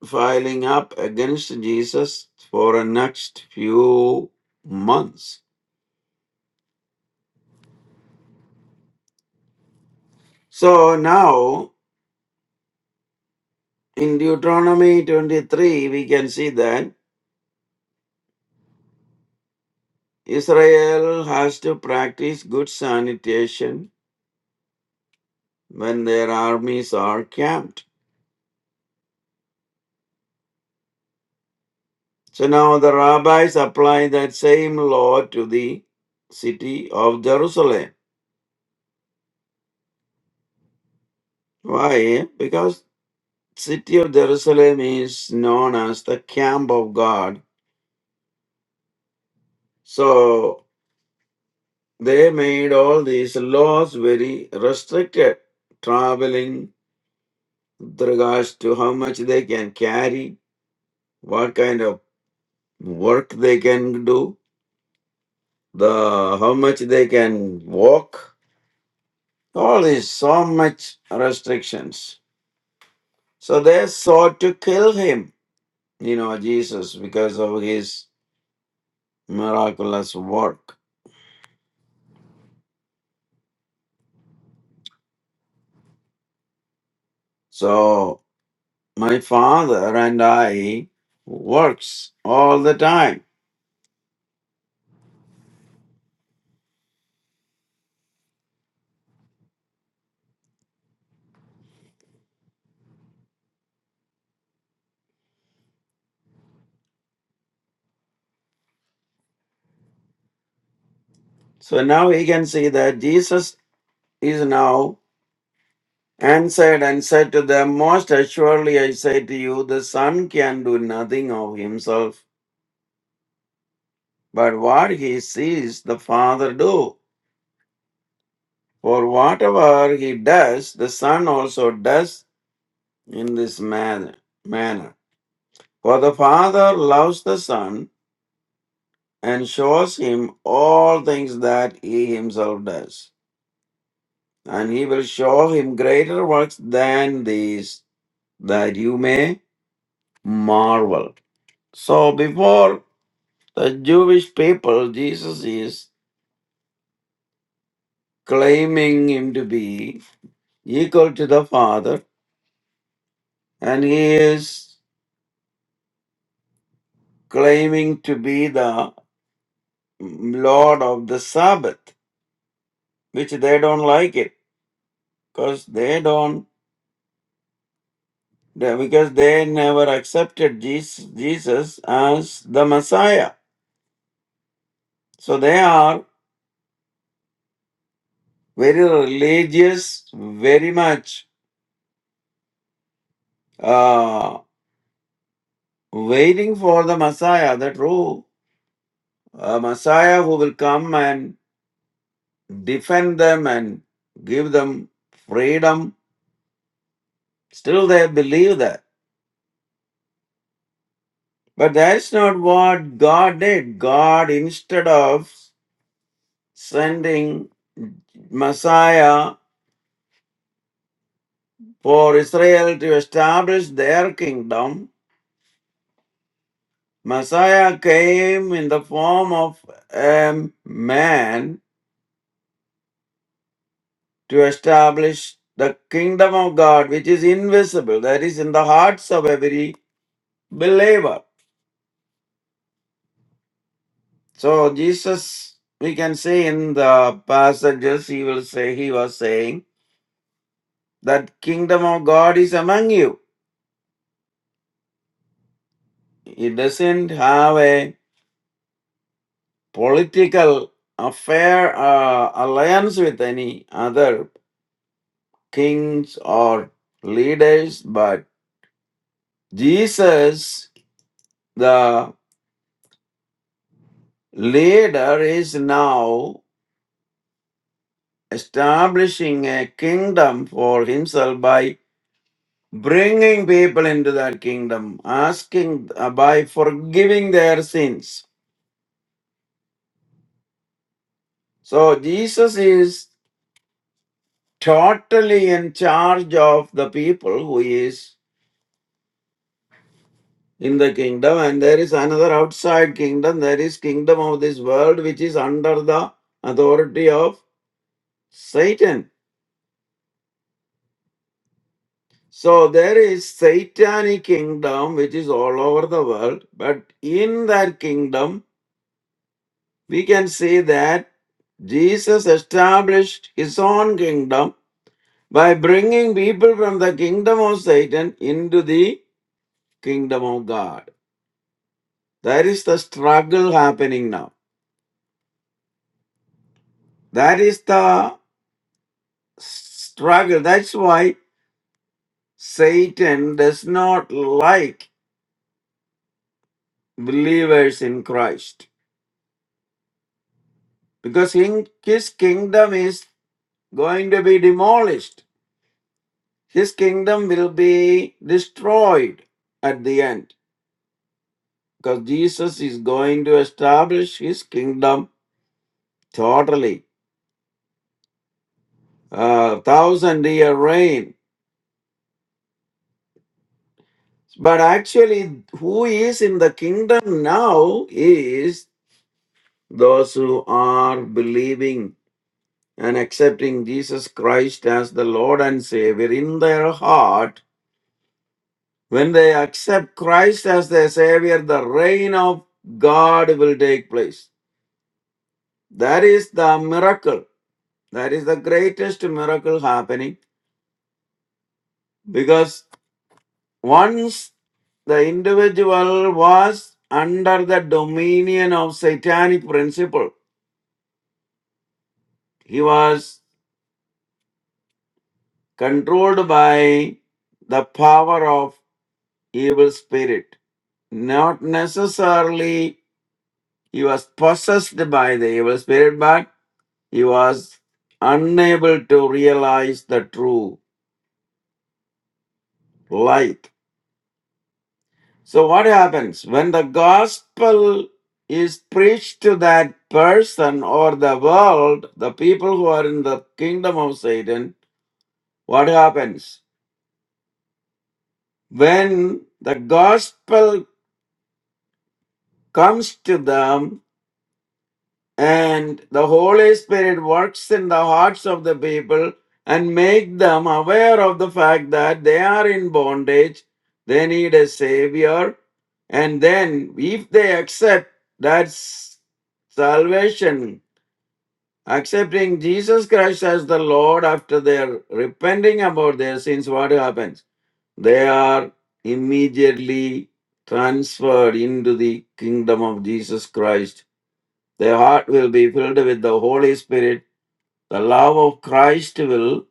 filing up against Jesus for the next few months. So now in Deuteronomy 23, we can see that. Israel has to practice good sanitation when their armies are camped. So now the rabbis apply that same law to the city of Jerusalem. Why? Because city of Jerusalem is known as the camp of God. So they made all these laws very restricted. Traveling with regards to how much they can carry, what kind of work they can do, the how much they can walk, all these so much restrictions. So they sought to kill him, you know, Jesus, because of his miraculous work. So my father and I works all the time. So now we can see that Jesus is now answered and said to them, Most assuredly I say to you, the Son can do nothing of himself, but what he sees the Father do. For whatever he does, the Son also does in this man- manner. For the Father loves the Son and shows him all things that he himself does. And he will show him greater works than these, that you may marvel. So before the Jewish people, Jesus is claiming him to be equal to the Father, and he is claiming to be the Lord of the Sabbath, which they don't like it because they don't they- because they never accepted Jesus, Jesus as the Messiah. So they are very religious, very much uh, waiting for the Messiah, the true uh, Messiah who will come and defend them and give them freedom. Still, they believe that. But that's not what God did. God, instead of sending Messiah for Israel to establish their kingdom. Messiah came in the form of a man to establish the kingdom of God, which is invisible, that is, in the hearts of every believer. So, Jesus, we can see in the passages, he will say, he was saying that kingdom of God is among you. He doesn't have a political affair uh, alliance with any other kings or leaders but jesus the leader is now establishing a kingdom for himself by bringing people into that kingdom asking uh, by forgiving their sins so jesus is totally in charge of the people who is in the kingdom and there is another outside kingdom there is kingdom of this world which is under the authority of satan so there is satanic kingdom which is all over the world but in that kingdom we can see that jesus established his own kingdom by bringing people from the kingdom of satan into the kingdom of god that is the struggle happening now that is the struggle. That's why Satan does not like believers in Christ because in his kingdom is going to be demolished. His kingdom will be destroyed at the end because Jesus is going to establish his kingdom totally. A thousand year reign. But actually, who is in the kingdom now is those who are believing and accepting Jesus Christ as the Lord and Savior in their heart, when they accept Christ as their Savior, the reign of God will take place. That is the miracle. That is the greatest miracle happening because once the individual was under the dominion of satanic principle, he was controlled by the power of evil spirit Not necessarily he was possessed by the evil spirit, but he was unable to realize the true light. So, what happens when the gospel is preached to that person or the world, the people who are in the kingdom of Satan? What happens when the gospel comes to them? and the holy spirit works in the hearts of the people and make them aware of the fact that they are in bondage they need a savior and then if they accept that s- salvation accepting jesus christ as the lord after their repenting about their sins what happens they are immediately transferred into the kingdom of jesus christ their heart will be filled with the Holy Spirit. The love of Christ will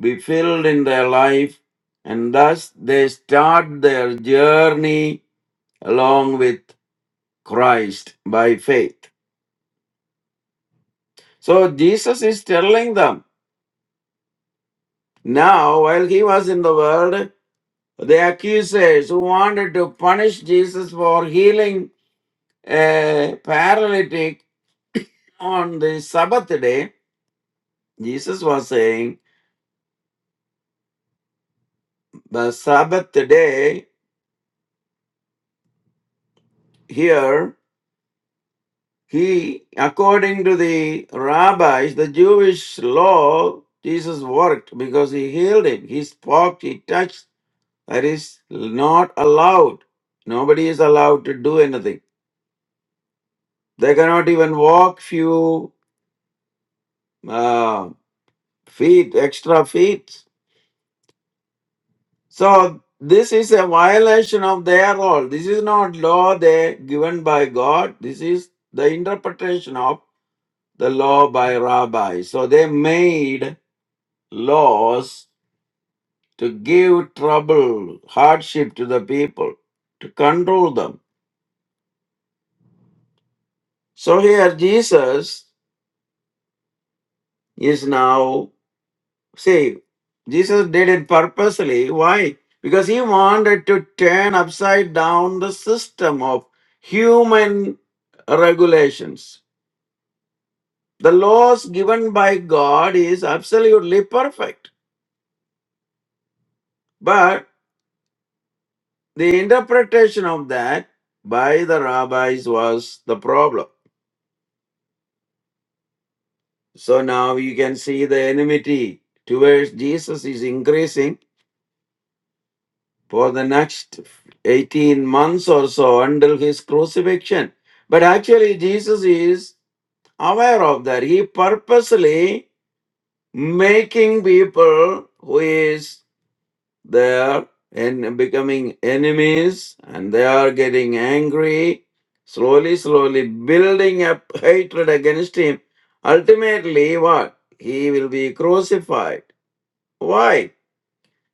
be filled in their life, and thus they start their journey along with Christ by faith. So Jesus is telling them now, while he was in the world, the accusers who wanted to punish Jesus for healing a paralytic on the Sabbath day, Jesus was saying, The Sabbath day here He, according to the rabbis, the Jewish law, Jesus worked because he healed him. He spoke, he touched. That is not allowed. Nobody is allowed to do anything. They cannot even walk few uh, feet, extra feet. So this is a violation of their law. This is not law they given by God. This is the interpretation of the law by rabbis. So they made laws to give trouble, hardship to the people, to control them. So here Jesus is now, see, Jesus did it purposely. Why? Because he wanted to turn upside down the system of human regulations. The laws given by God is absolutely perfect. But the interpretation of that by the rabbis was the problem. So now you can see the enmity towards Jesus is increasing for the next 18 months or so until his crucifixion. But actually, Jesus is aware of that. He purposely making people who is there and becoming enemies and they are getting angry, slowly, slowly building up hatred against him. Ultimately, what? He will be crucified Why?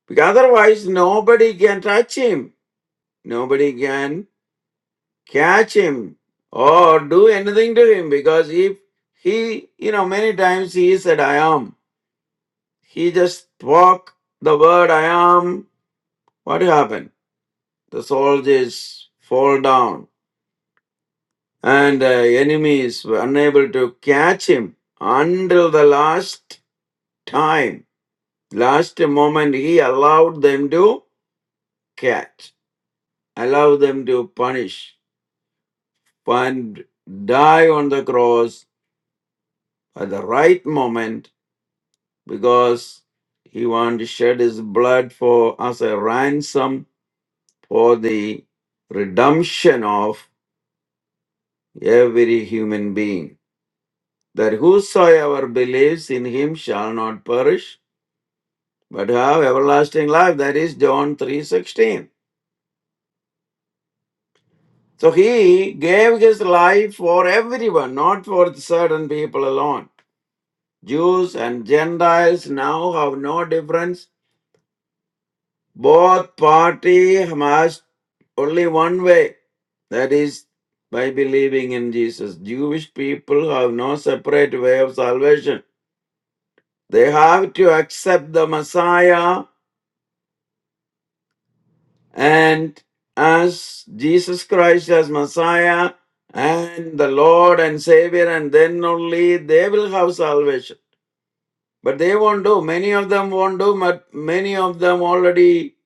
Because otherwise nobody can touch him. Nobody can catch him or do anything to him because if he, you know, many times he said, I am. He just spoke the word I am. What happened? The soldiers fall down and the enemies were unable to catch him until the last time, last moment he allowed them to catch, allowed them to punish. and die on the cross at the right moment because he wanted to shed his blood for as a ransom for the redemption of every human being. That whosoever believes in him shall not perish, but have everlasting life. That is John 3:16. So he gave his life for everyone, not for certain people alone. Jews and Gentiles now have no difference Both party must only one way, that is by believing in Jesus. Jewish people have no separate way of salvation. They have to accept the Messiah and as Jesus Christ as Messiah and the Lord and Savior, and then only they will have salvation. But they won't do. Many of them won't do, but many of them already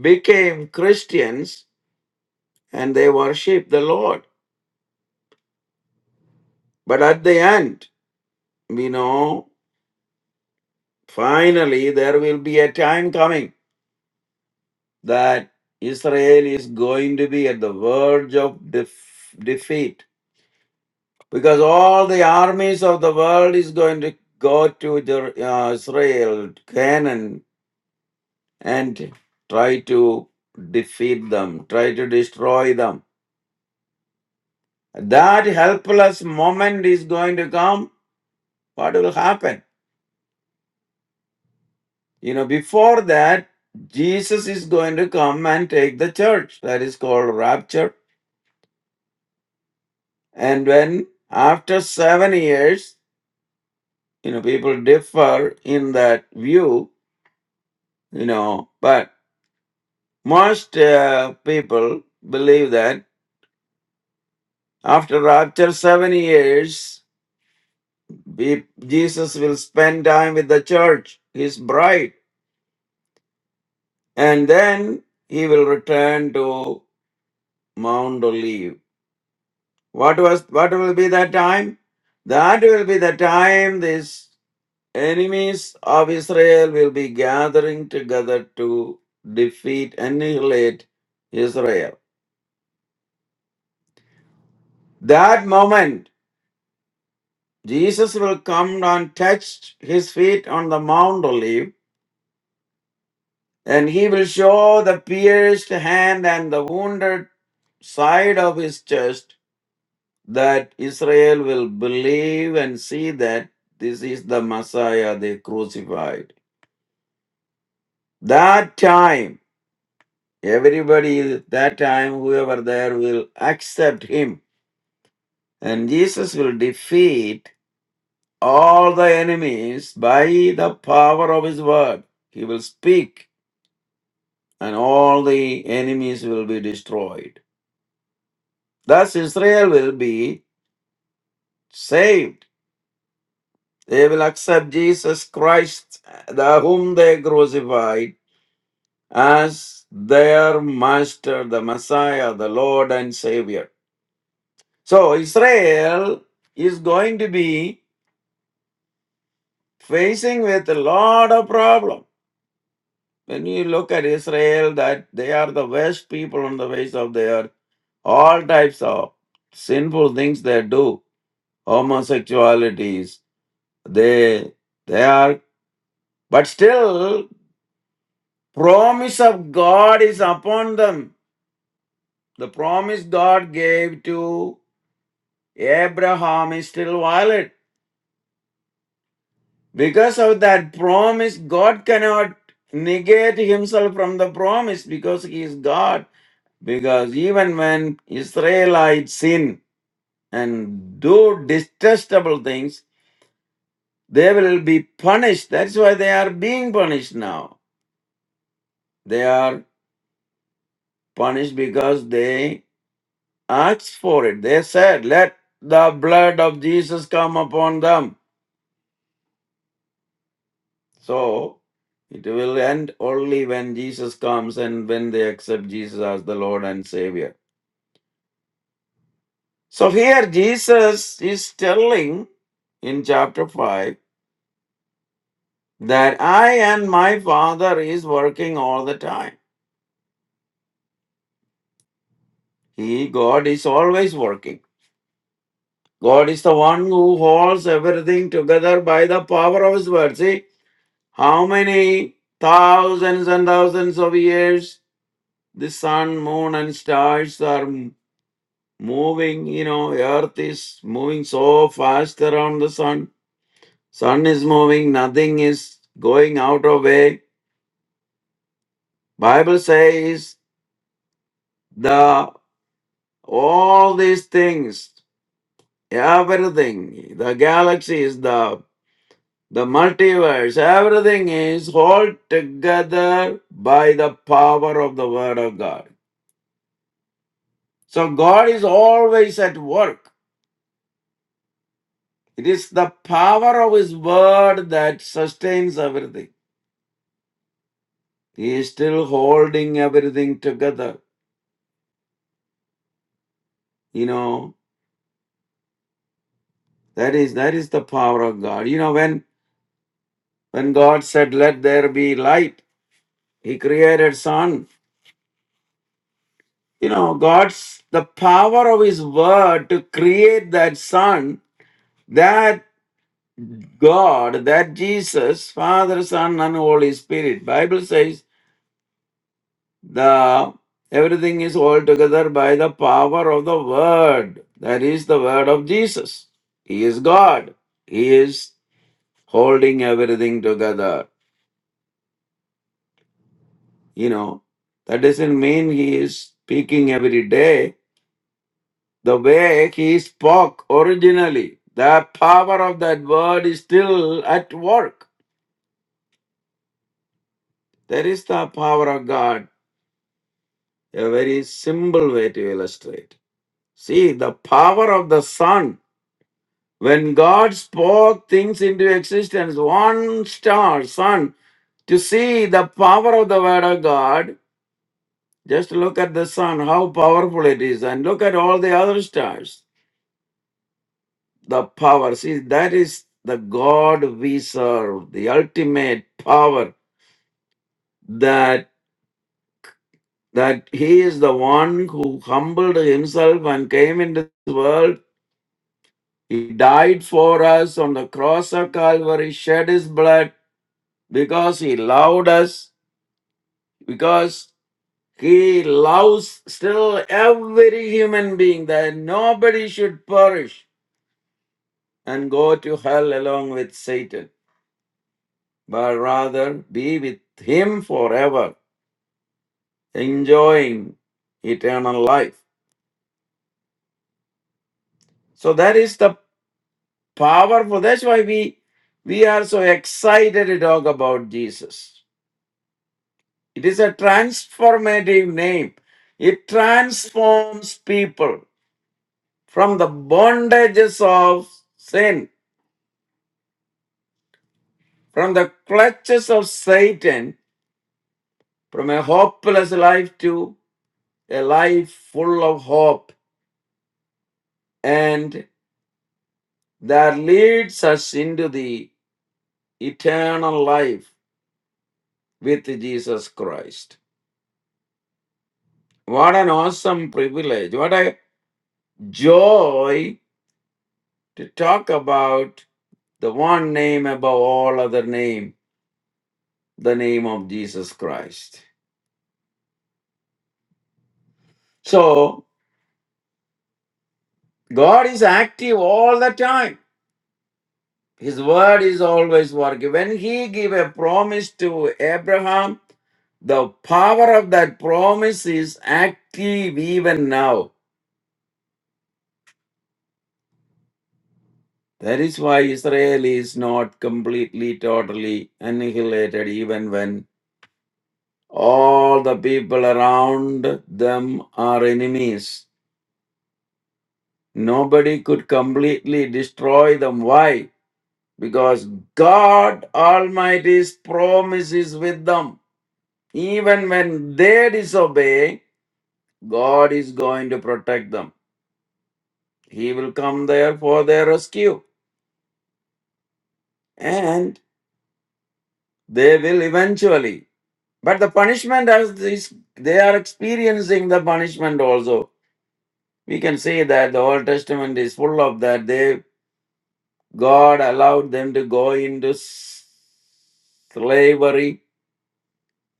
became Christians and they worship the Lord. But at the end, we know finally there will be a time coming that Israel is going to be at the verge of def- defeat because all the armies of the world is going to go to Jer- uh, Israel, Canaan, and try to defeat them, try to destroy them. That helpless moment is going to come. What will happen? You know, before that, Jesus is going to come and take the church. That is called rapture. And when after seven years, you know, people differ in that view, you know, but most uh, people believe that after rapture seven years, we, Jesus will spend time with the church, his bride, and then he will return to Mount Olive What was what will be that time? That will be the time these enemies of Israel will be gathering together to defeat, annihilate Israel. That moment, Jesus will come and touch his feet on the Mount Olive, and he will show the pierced hand and the wounded side of his chest that Israel will believe and see that this is the Messiah they crucified. That time, everybody, that time, whoever there will accept him. And Jesus will defeat all the enemies by the power of his word. He will speak, and all the enemies will be destroyed. Thus, Israel will be saved. They will accept Jesus Christ, the whom they crucified, as their master, the Messiah, the Lord and Savior. So Israel is going to be facing with a lot of problem. When you look at Israel, that they are the worst people on the face of the earth. All types of sinful things they do, homosexualities. They they are, but still, promise of God is upon them. The promise God gave to Abraham is still valid. Because of that promise, God cannot negate himself from the promise because he is God. Because even when Israelites sin and do detestable things, they will be punished. That's why they are being punished now. They are punished because they asked for it. They said, Let the blood of Jesus come upon them So it will end only when Jesus comes and when they accept Jesus as the Lord and Savior. So here Jesus is telling in chapter 5 that I and my Father is working all the time. He, God, is always working. God is the one who holds everything together by the power of His word. See, how many thousands and thousands of years the sun, moon, and stars are moving, you know, earth is moving so fast around the sun. Sun is moving, nothing is going out of way. Bible says the all these things, everything, the galaxies, the the multiverse, everything is held together by the power of the word of God. So God is always at work. It is the power of his word that sustains everything. He is still holding everything together. You know, that is that is the power of God. You know, when when God said, Let there be light, He created sun. You know, God's the power of His word to create that sun, that God, that Jesus, Father, Son, and Holy Spirit. Bible says the everything is all together by the power of the word. That is the word of Jesus. He is God. He is holding everything together. You know, that doesn't mean he is speaking every day the way he spoke originally. The power of that word is still at work. There is the power of God, a very simple way to illustrate. See, the power of the sun. When God spoke things into existence, one star, sun, to see the power of the word of God, Just look at the sun, how powerful it is, and look at all the other stars. The power, see, that is the God we serve, the ultimate power that that he is the one who humbled himself and came into this world. He died for us on the cross of Calvary, shed his blood because he loved us, because he loves still every human being that nobody should perish and go to hell along with Satan, but rather be with him forever, enjoying eternal life. So that is the powerful. That's why we we are so excited to talk about Jesus. It is a transformative name. It transforms people from the bondages of sin, from the clutches of Satan, from a hopeless life to a life full of hope and that leads us into the eternal life with Jesus Christ. What an awesome privilege. What a joy to talk about the one name above all other name, the name of Jesus Christ. So, God is active all the time. His word is always working. When he gave a promise to Abraham, the power of that promise is active even now That is why Israel is not completely, totally annihilated, even when all the people around them are enemies. Nobody could completely destroy them. Why? Because God Almighty's promise is with them. Even when they disobey, God is going to protect them. He will come there for their rescue. And they will eventually But the punishment as this they are experiencing the punishment also. We can say that the Old Testament is full of that. They God allowed them to go into s- slavery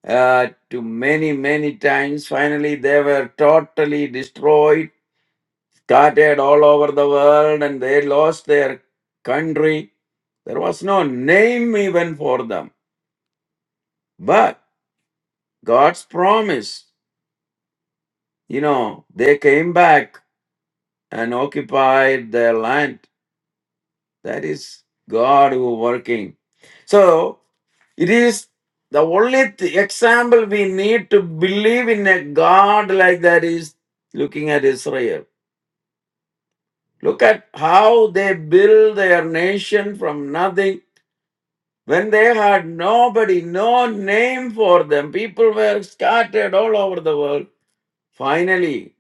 uh, to many, many times. Finally, they were totally destroyed, scattered all over the world, and they lost their country. There was no name even for them. But God's promise, you know, they came back and occupied their land. That is God who working. So it is the only th- example we need to believe in a God like that is looking at Israel. Look at how they build their nation from nothing. When they had nobody, no name for them, people were scattered all over the world. Finally,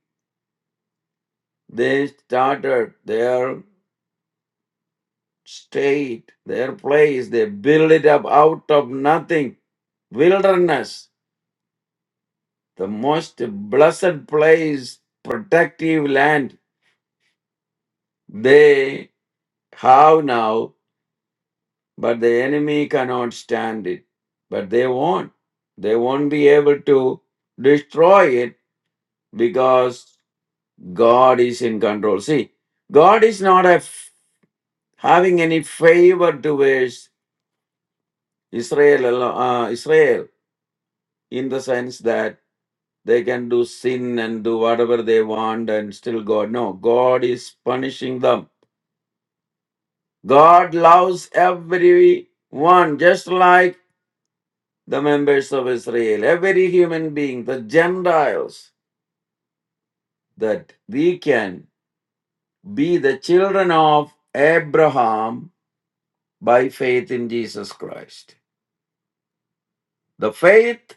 they started their. state, their place. They build it up out of nothing. Wilderness, the most blessed place, protective land they have now, but the enemy cannot stand it. But they won't. They won't be able to destroy it because God is in control. See, God is not a f- having any favor towards Israel, alo- uh, Israel in the sense that They can do sin and do whatever they want and still God. No, God is punishing them. God loves everyone, just like the members of Israel, every human being, the Gentiles, that we can be the children of Abraham by faith in Jesus Christ. The faith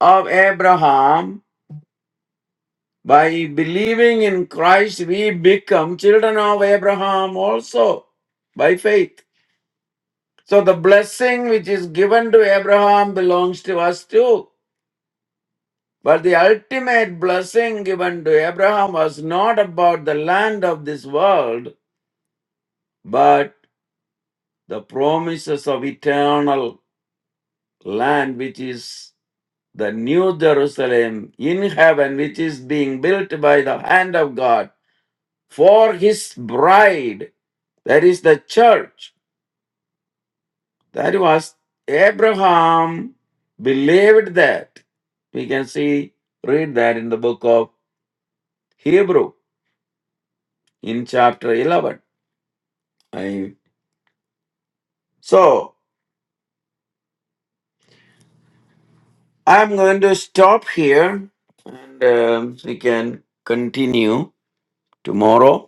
of Abraham, by believing in Christ, we become children of Abraham also by faith. So the blessing which is given to Abraham belongs to us too. But the ultimate blessing given to Abraham was not about the land of this world, but the promises of eternal land, which is the new Jerusalem in heaven, which is being built by the hand of God for his bride, that is the church. That was Abraham believed that. We can see, read that in the book of Hebrew in chapter 11. I, so I'm going to stop here and um, we can continue tomorrow.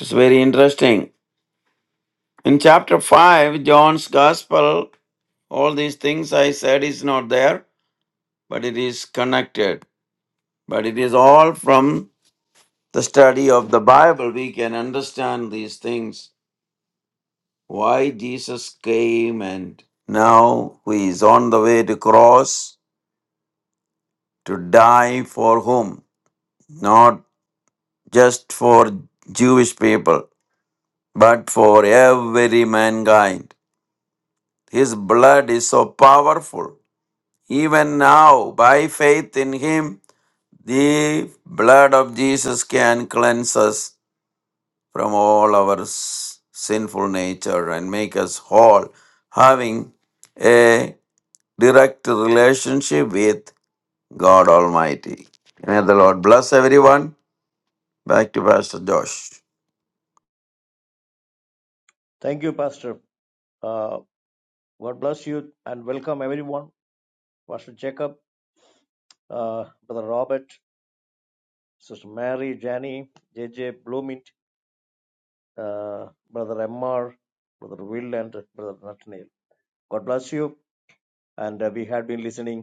It's very interesting. In chapter 5, John's Gospel, all these things I said is not there, but it is connected. But it is all from the study of the Bible, we can understand these things. Why Jesus came and now he is on the way to cross to die for whom? Not just for Jewish people, but for every mankind. His blood is so powerful. Even now, by faith in him, the blood of Jesus can cleanse us from all our s- sinful nature and make us whole, having a direct relationship with God Almighty. May the Lord bless everyone. Back to Pastor Josh.
Thank you, Pastor. Uh, God bless you and welcome everyone. Pastor Jacob, uh, Brother Robert, Sister Mary, Janie, JJ, Bloomint, uh, Brother MR, Brother Will, and Brother Nathaniel. God bless you. And uh, we had been listening.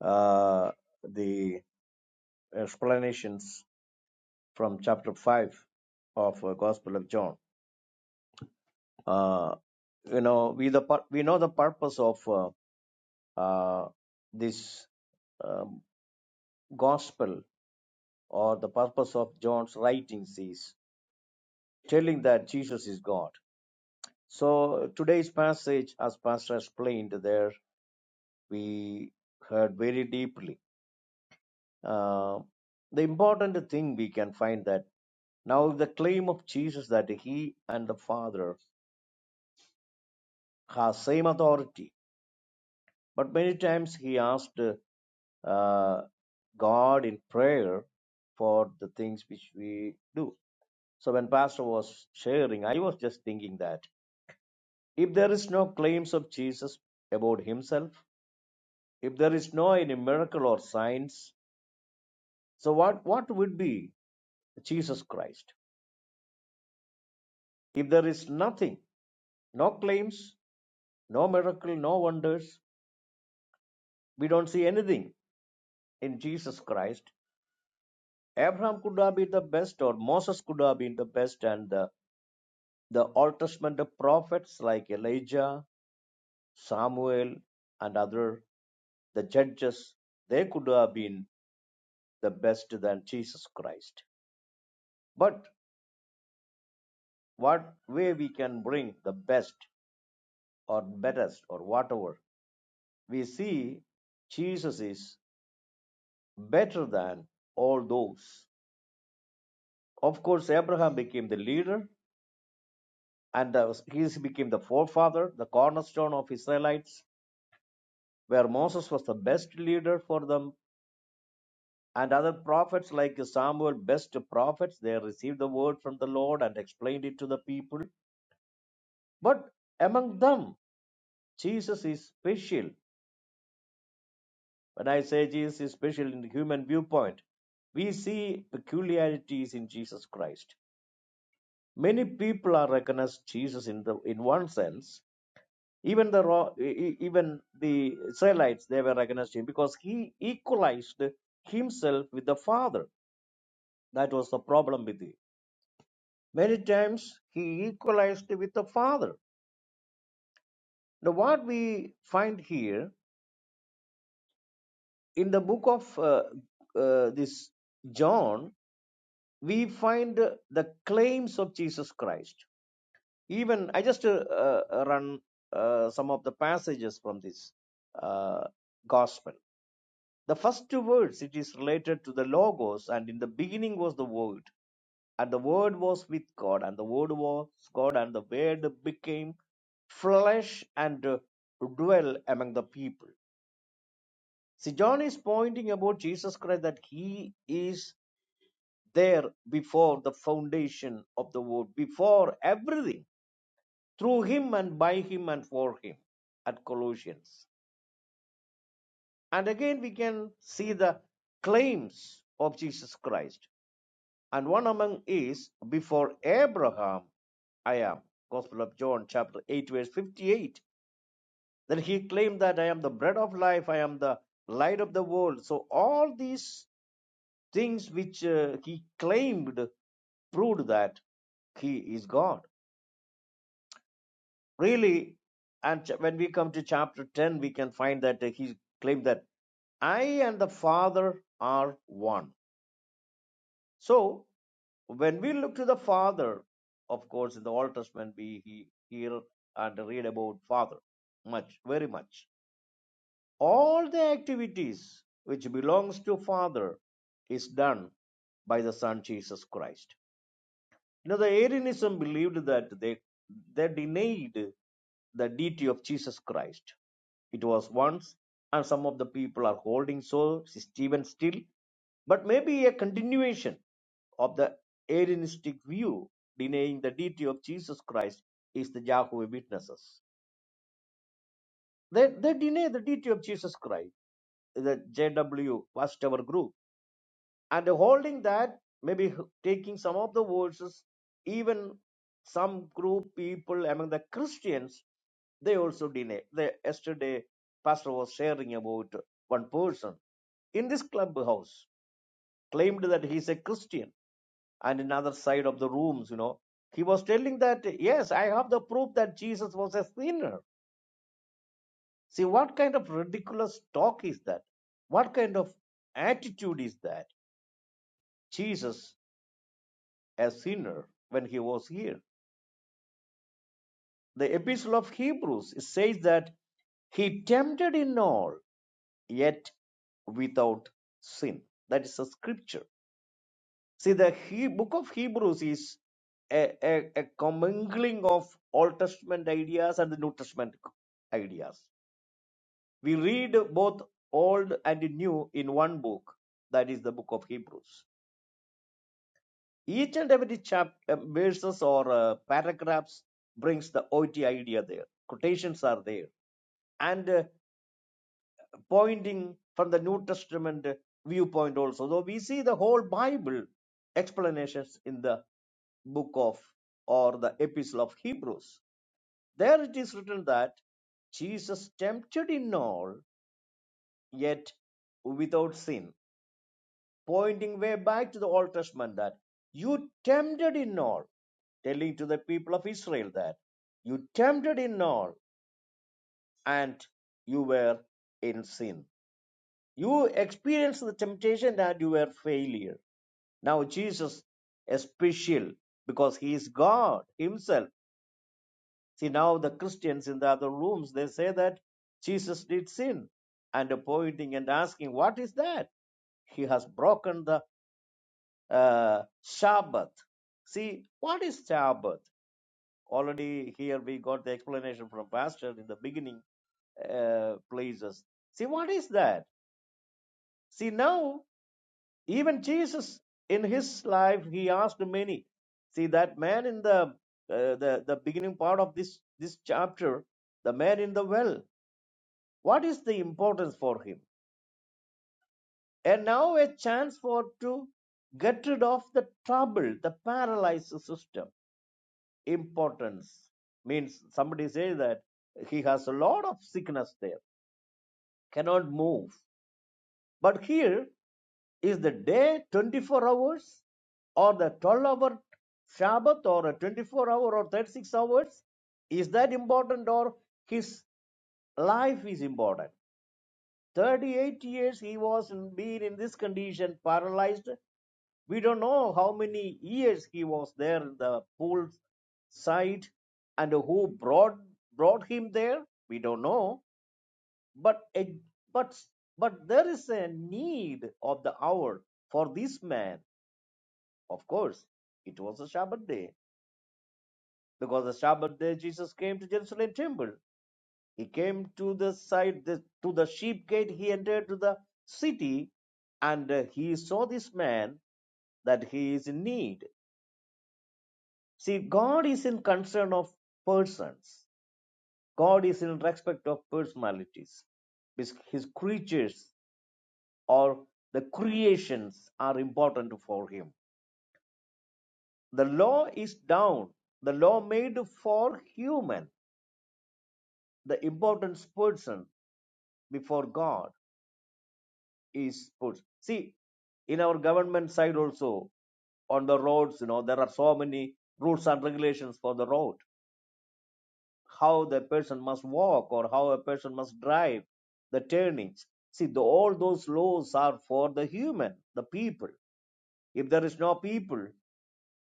uh, the explanations from chapter 5 of uh, Gospel of John. Uh, you know, we, the, pur- we know the purpose of uh, uh, this um, gospel or the purpose of John's writings is telling that Jesus is God. So today's passage, as Pastor explained there, we heard very deeply. Uh, the important thing we can find that now the claim of Jesus that he and the Father has same authority. But many times he asked uh, God in prayer for the things which we do. So when Pastor was sharing, I was just thinking that if there is no claims of Jesus about himself, if there is no any miracle or signs, so what, what would be Jesus Christ? If there is nothing, no claims, no miracle, no wonders, we don't see anything in Jesus Christ, Abraham could have been the best, or Moses could have been the best, and the, the Old Testament prophets like Elijah, Samuel, and other the judges, they could have been the best than Jesus Christ. But what way we can bring the best or best or whatever, we see Jesus is better than all those. Of course, Abraham became the leader, and uh, he became the forefather, the cornerstone of Israelites where Moses was the best leader for them, and other prophets like Samuel, best prophets, they received the word from the Lord and explained it to the people. But among them, Jesus is special. When I say Jesus is special in the human viewpoint, we see peculiarities in Jesus Christ. Many people are recognized Jesus in the in one sense. Even the e- e- even the Israelites they were recognized him because he equalized himself with the Father That was the problem with him. Many times he equalized with the father. Now, what we find here in the book of uh, uh, this John, we find the claims of Jesus Christ. Even I just uh, uh, run uh, some of the passages from this uh, gospel. The first two words it is related to the logos, and in the beginning was the word, and the word was with God, and the word was God, and the word became flesh and uh, dwell among the people. See, John is pointing about Jesus Christ that he is there before the foundation of the world, before everything, through him and by him and for him at Colossians. And again, we can see the claims of Jesus Christ. and one among is before Abraham I am. Gospel of John chapter 8 verse 58. Then he claimed that I am the bread of life, I am the light of the world. So all these things which uh, he claimed proved that he is God. Really, and when we come to chapter 10, we can find that uh, he claimed that I and the Father are one. So when we look to the Father, of course, in the Old Testament, we he- hear and read about Father much, very much. All the activities which belongs to Father is done by the Son Jesus Christ. You know, the Arianism believed that they they denied the deity of Jesus Christ. It was once, and some of the people are holding so Stephen still, but maybe a continuation of the Arianistic view denying the deity of Jesus Christ is the Jehovah Witnesses. They, they deny the deity of Jesus Christ, the JW, first our group and holding that maybe taking some of the verses even some group people among the christians they also deny they yesterday pastor was sharing about one person in this clubhouse claimed that he's a christian and in other side of the rooms you know he was telling that yes i have the proof that jesus was a sinner see what kind of ridiculous talk is that what kind of attitude is that jesus a sinner when he was here. The Epistle of Hebrews says that he tempted in all, yet without sin. That is a scripture. See, the he- book of Hebrews is a, a, a commingling of Old Testament ideas and the New Testament ideas. We read both Old and New in one book, that is the book of Hebrews. Each and every chapter, verses or uh, paragraphs brings the OT idea there. Quotations are there, and uh, pointing from the New Testament viewpoint also. So we see the whole Bible explanations in the book of or the epistle of Hebrews. There it is written that Jesus tempted in all, yet without sin. pointing way back to the Old Testament that you tempted in all, telling to the people of Israel that you tempted in all and you were in sin. You experienced the temptation and you were failure. Now Jesus is special because he is God himself. See now the Christians in the other rooms they say that Jesus did sin and pointing and asking what is that? he has broken the uh, Shabbat. See, what is Shabbat? Already here we got the explanation from Pastor in the beginning uh, places. See, what is that? See, now, even Jesus in his life, he asked many. See, that man in the, uh, the, the beginning part of this, this chapter, the man in the well, what is the importance for him? And now a chance for to get rid of the trouble, the paralyzed system importance means somebody says that he has a lot of sickness there cannot move but here is the day 24 hours or the 12 hour shabbat or a 24 hour or 36 hours is that important or his life is important 38 years he was in, being in this condition paralyzed We don't know how many years he was there in the pool side and who brought brought him there. We don't know. But a- but but there is a need of the hour for this man. Of course, it was a Sabbath day because the Sabbath day Jesus came to Jerusalem temple. He came to the side the, to the sheep gate. He entered to the city and uh, he saw this man that he is in need See, God is in concern of persons. God is in respect of personalities. His, his creatures or the creations are important for him. The law is down. The law made for human. The important person before God is person. See, in our government side also on the roads, you know, there are so many rules and regulations for the road how the person must walk or how a person must drive, the turnings. See, the, all those laws are for the human, the people. If there is no people,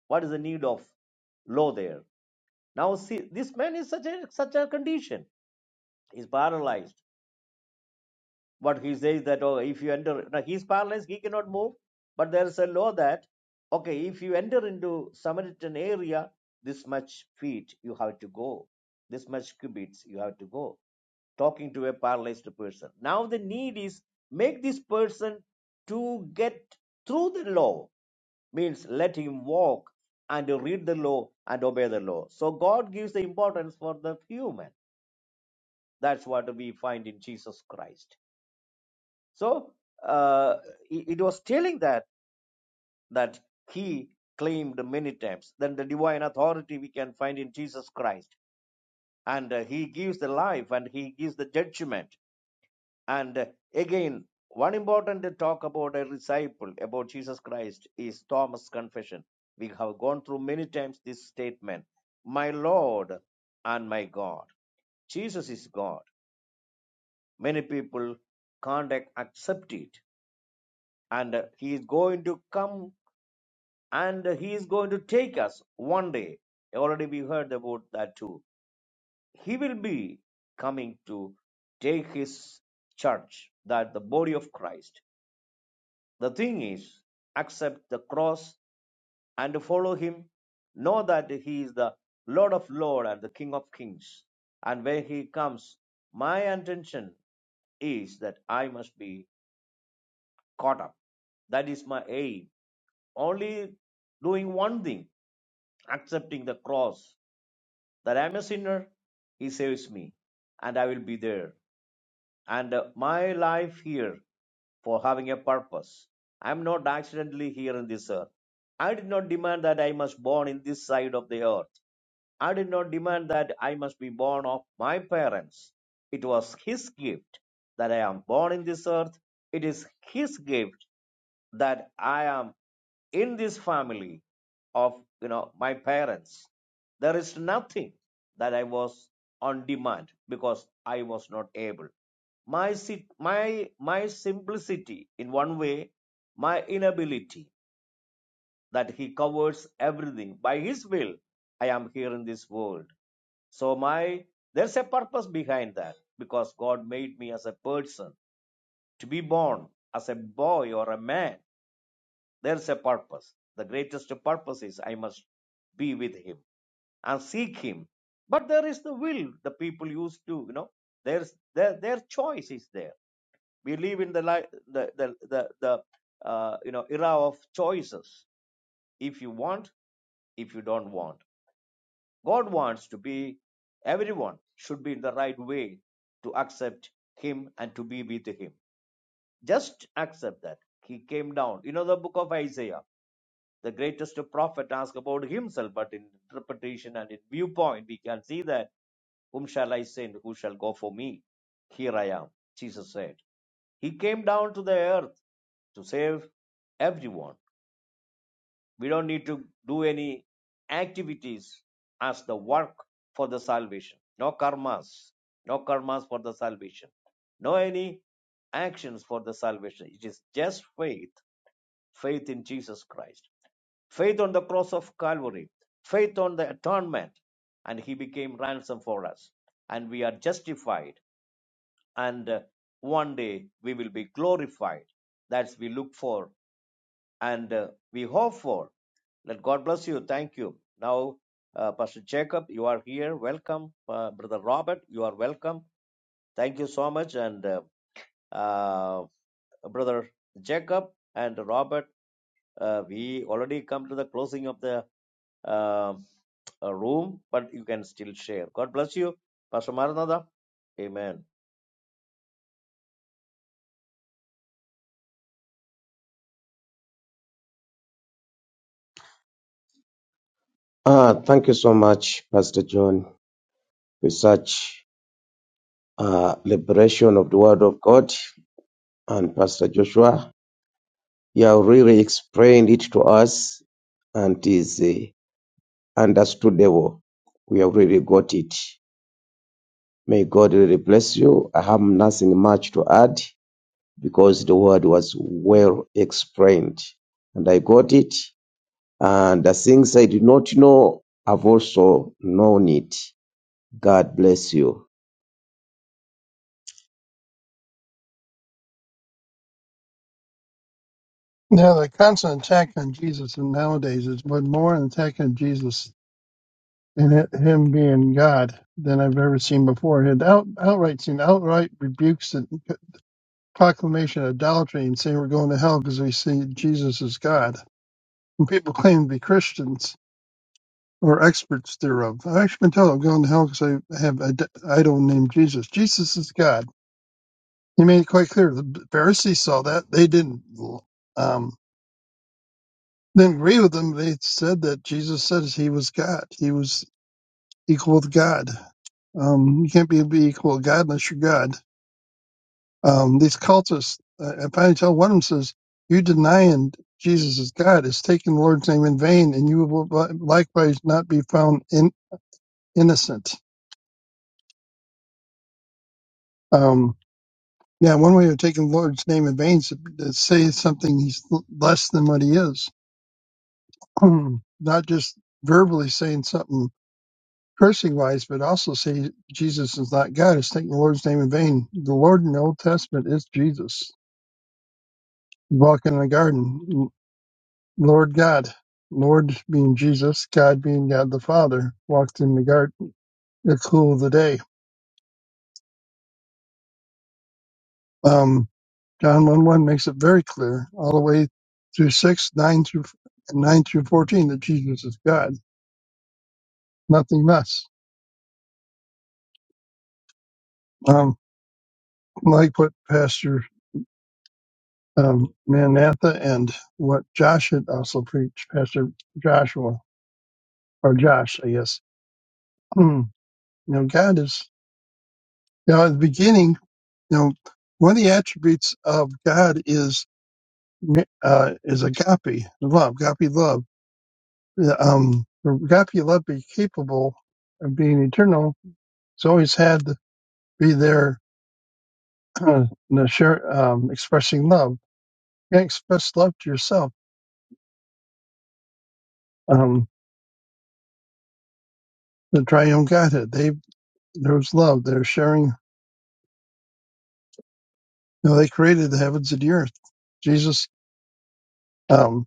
what is the need of law there? Now, see, this man is such a such a condition. He's paralyzed What he says that oh, if you enter, now he's paralyzed, he cannot move. But there is a law that okay, if you enter into Samaritan area, this much feet you have to go, this much cubits you have to go. Talking to a paralyzed person. Now the need is make this person to get through the law means let him walk and read the law and obey the law. So God gives the importance for the human. That's what we find in Jesus Christ. So uh, it it was telling that that he claimed many times. Then the divine authority we can find in Jesus Christ, and uh, he gives the life and he gives the judgment. And uh, again, one important talk about a disciple about Jesus Christ is Thomas' confession. We have gone through many times this statement: "My Lord and my God." Jesus is God. Many people can't ac- accept it, and uh, he is going to come and he is going to take us one day. Already we heard about that too. He will be coming to take his church, that the body of Christ. The thing is, accept the cross and follow him. Know that he is the Lord of lords and the King of Kings. And when he comes, my intention is that I must be caught up. That is my aim. Only doing one thing, accepting the cross that I am a sinner, He saves me, and I will be there. And uh, my life here for having a purpose. I am not accidentally here in this earth. I did not demand that I must born in this side of the earth. I did not demand that I must be born of my parents. It was His gift that I am born in this earth. It is His gift that I am in this family of you know my parents. There is nothing that I was on demand because I was not able. My si- my my simplicity in one way, my inability that he covers everything by his will. I am here in this world. So my there's a purpose behind that because God made me as a person to be born as a boy or a man there's a purpose. The greatest purpose is I must be with him and seek him. But there is the will the people used to, you know, there's their their choice is there. We live in the li- the the the, the uh, you know era of choices. If you want, if you don't want, God wants to be everyone should be in the right way to accept Him and to be with Him. Just accept that He came down. You know the book of Isaiah the greatest prophet asked about himself, but in interpretation and in viewpoint, we can see that whom shall I send? Who shall go for me? Here I am, Jesus said. He came down to the earth to save everyone. We don't need to do any activities as the work for the salvation. No karmas. No karmas for the salvation. No any actions for the salvation. It is just faith, faith in Jesus Christ faith on the cross of Calvary, faith on the atonement, and he became ransom for us. And we are justified, and uh, one day we will be glorified. That's we look for and uh, we hope for. Let God bless you. Thank you. Now, uh, Pastor Jacob, you are here. Welcome. Uh, Brother Robert, you are welcome. Thank you so much. And uh, uh, Brother Jacob and Robert, uh, we already come to the closing of the uh, a room, but you can still share. God bless you, Pastor Maranatha. Amen.
Uh, thank you so much, Pastor John, for such uh, liberation of the Word of God. And Pastor Joshua, you have really explained it to us and is uh, understandable. We have really got it. May God really bless you. I have nothing much to add because the Word was well explained. And I got it. And the things I did not know, I've also known it. God bless you.
Yeah, the constant attack on Jesus and nowadays is but more an attack on Jesus and hi- him being God than I've ever seen before. It had out, outright seen outright rebukes and proclamation of idolatry and saying we're going to hell because we see Jesus as God. And people claim to be Christians or experts thereof. I've actually been told I'm going to hell because I have an idol named Jesus. Jesus is God. He made it quite clear. The Pharisees saw that. They didn't. Um, didn't agree with them. They said that Jesus said he was God. He was equal with God. Um, you can't be, be equal with God unless you're God. Um, these cultists, uh, I finally tell one of them says, you denying Jesus is God is taking the Lord's name in vain and you will li- likewise not be found in, innocent. Um, yeah, one way of taking the Lord's name in vain is to to say something he's l- less than what he is. not just verbally saying something cursing wise, but also say Jesus is not God. It's taking the Lord's name in vain. The Lord in the Old Testament is Jesus. He's walking in the garden, Lord God. Lord being Jesus, God being God the Father, walked in the garden at the cool of the day. Um, John 1 1 makes it very clear, all the way through 6, 9 through, 9 through 14, that Jesus is God, nothing less. Um, like what Pastor um, Manatha and what Josh had also preached, Pastor Joshua or Josh, I guess. Hmm. You know, God is you know at the beginning. You know, one of the attributes of God is uh, is agape love, agape love. Yeah, Um, for agape love be capable of being eternal. It's always had to be there, uh, the share, um, expressing love. You can't express love to yourself. Um, the triune Godhead, they there's love. They're sharing No, they created the heavens and the earth. Jesus, um,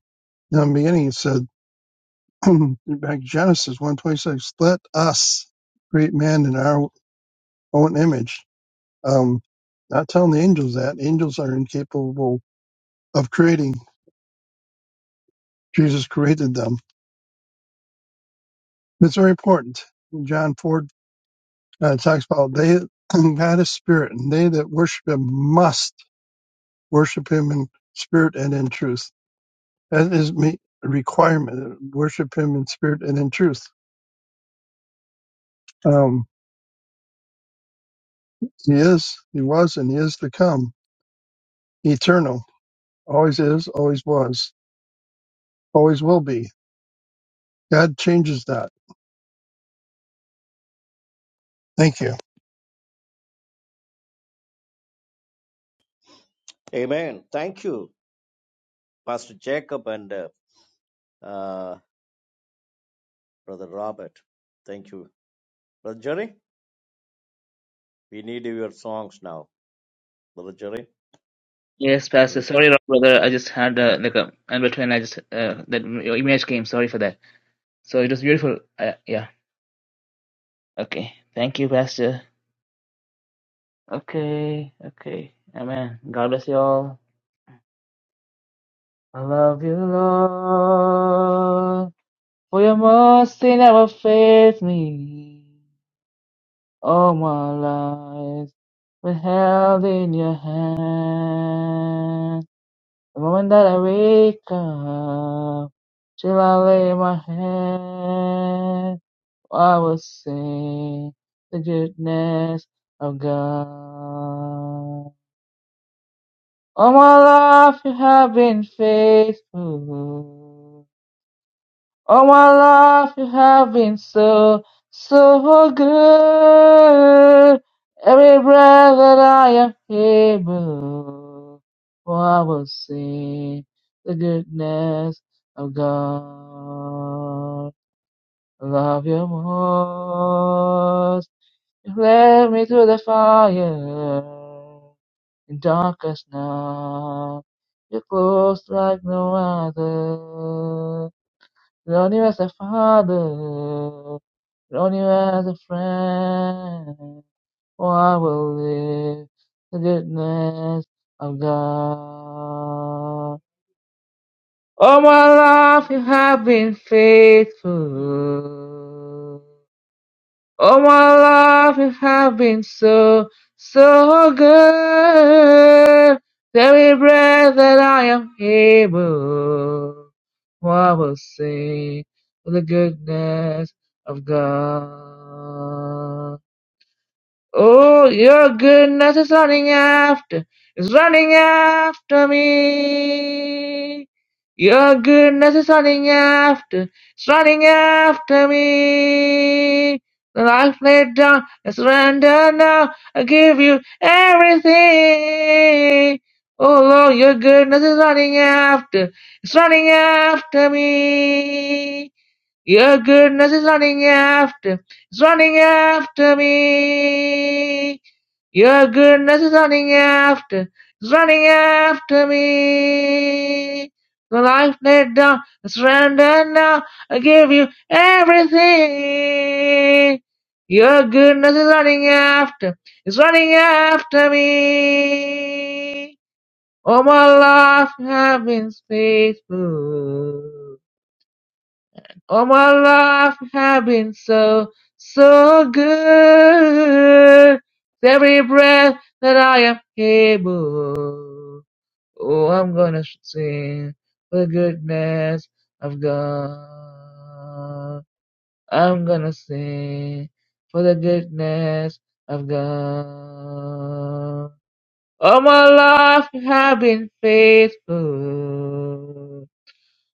in the beginning, he said, back in Genesis one twenty six, let us create man in our own image. Um, not telling the angels that. Angels are incapable of creating. Jesus created them. It's very important. John 4 uh, talks about they, God is spirit, and they that worship him must worship him in spirit and in truth. That is me, a requirement, worship him in spirit and in truth Um, he is, he was, and he is to come. Eternal. Always is, always was, always will be. God changes that. Thank you.
Amen. Thank you, Pastor Jacob and uh, uh, Brother Robert. Thank you, Brother Jerry. We need your songs now, Brother Jerry.
Yes, Pastor.
please.
Sorry, brother. I just had uh, like a in between. I just uh, that your image came. Sorry for that. So it was beautiful. Uh, yeah. Okay. Thank you, Pastor. Okay. Okay. Amen. God bless you all. I love you, Lord. For your mercy never fails me. All my life been held in your hand. The moment that I wake up, till I lay my head. I will sing the goodness of God. All my life you have been faithful. All my life you have been so, so good. Every breath that I am able, for I will sing the goodness of God. Love you more Led me through the fire in darkest night. You're close like no other. Lord, you as a father. Lord, you as a friend. Oh, I will live the goodness of God. All my life you have been faithful. All my life you have been so, so good. Every breath that I am able, I will sing of the goodness of God. Oh, your goodness is running after, is running after me. Your goodness is running after, it's running after me. The life laid down, I surrender now, I give you everything. Oh Lord, your goodness is running after, it's running after me. Your goodness is running after, it's running after me. Your goodness is running after, it's running after me. The life laid down, I surrender now, I give you everything. Your goodness is running after, it's running after me. All my life you have been faithful. All my life have been so, so good. Every breath that I am able, oh, I'm gonna sing the goodness of God. I'm gonna sing for the goodness of God. All my life you have been faithful.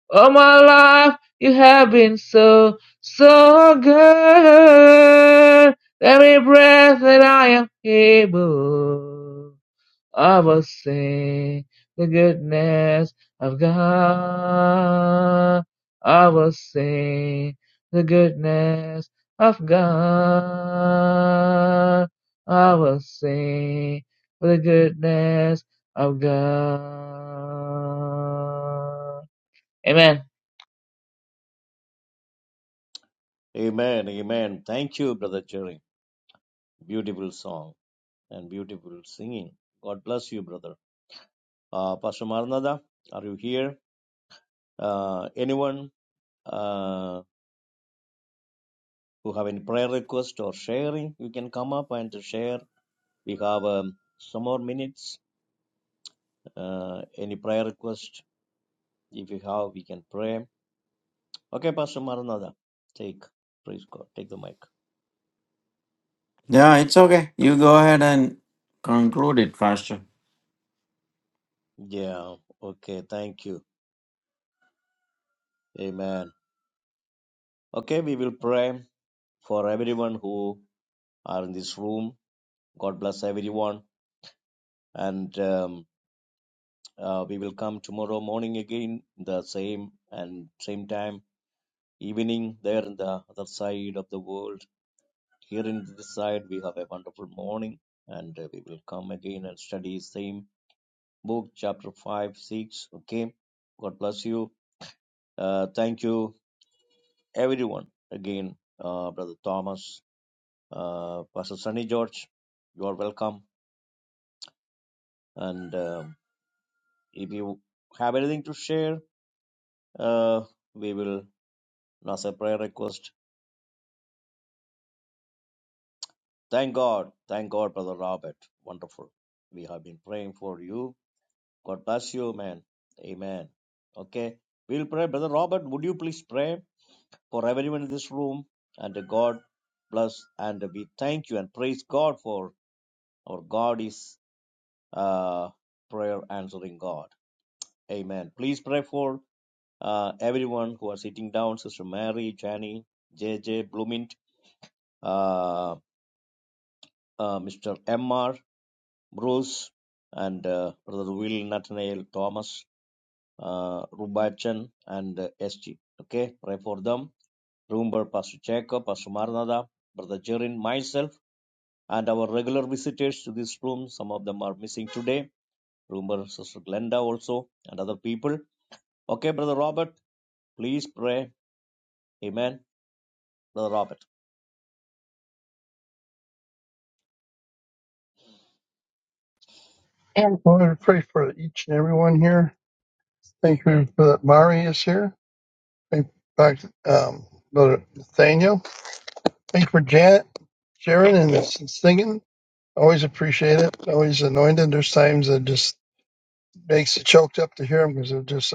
All my life, you have been so, so good. Every breath that I am able, I will sing the goodness of God. I will sing the goodness of God. I will sing the goodness of God. Amen.
Amen. Amen. Thank you, Brother Jerry. Beautiful song and beautiful singing. God bless you, brother. Uh, Pastor Maranatha, are you here? Uh, anyone uh, who have any prayer request or sharing, you can come up and share We have um, some more minutes. Uh, any prayer request? If you have, we can pray. Okay, Pastor Maranatha, take, praise God, take the mic.
Yeah, it's okay. You go ahead and conclude it, Pastor.
Yeah, okay, thank you. Amen. Okay, we will pray for everyone who are in this room. God bless everyone. And um, uh, we will come tomorrow morning again, the same and same time, evening there on the other side of the world. Here in this side, we have a wonderful morning, and uh, we will come again and study same book, chapter five, six. Okay, God bless you. Uh, thank you, everyone. Again, uh, brother Thomas, uh, Pastor Sunny George, you are welcome. And um if you have anything to share, uh, we will announce a prayer request. Thank God, thank God, brother Robert. Wonderful. We have been praying for you God bless you, man. Amen. Okay. We'll pray. Brother Robert, would you please pray for everyone in this room? And God bless. And we thank you and praise God for our God is uh, prayer answering God. Amen. Please pray for uh, everyone who are sitting down Sister Mary, Jani, J J. Bloomint, uh, uh, Mr. M R. Bruce, and uh, Brother Will, Nathaniel, Thomas. uh, Rubachen and uh, SG. Okay, pray for them. Remember Pastor Jacob, Pastor Maranatha, Brother Jerin, myself, and our regular visitors to this room. Some of them are missing today. Remember Sister Glenda also and other people. Okay, Brother Robert, please pray. Amen. Brother Robert.
And Lord, we pray for each and everyone here. Thank you for that Mari is here. Thank Dr. Um, Brother Nathaniel. Thank you for Janet, Sharon, and the singing. Always appreciate it. Always anointed. There's times that just makes you choked up to hear them because they're just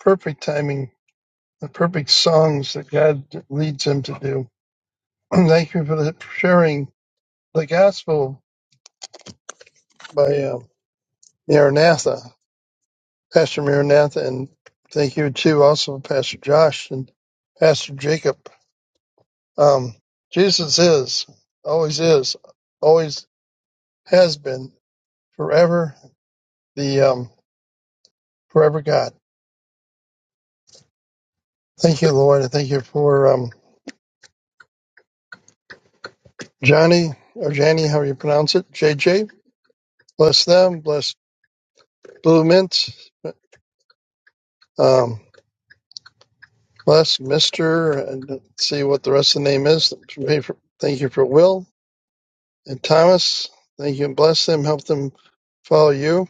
perfect timing, the perfect songs that God leads him to do. Thank you for the- for sharing the gospel by uh, Maranatha, Pastor Maranatha, and thank you too, also Pastor Josh and Pastor Jacob. Um, Jesus is, always is, always has been, forever the um, forever God. Thank you, Lord, and thank you for um, Johnny or Janny, how you pronounce it, JJ. Bless them, bless Blue Mint, um, plus Mister, and let's see what the rest of the name is. Thank you for Will and Thomas. Thank you and bless them. Help them follow you.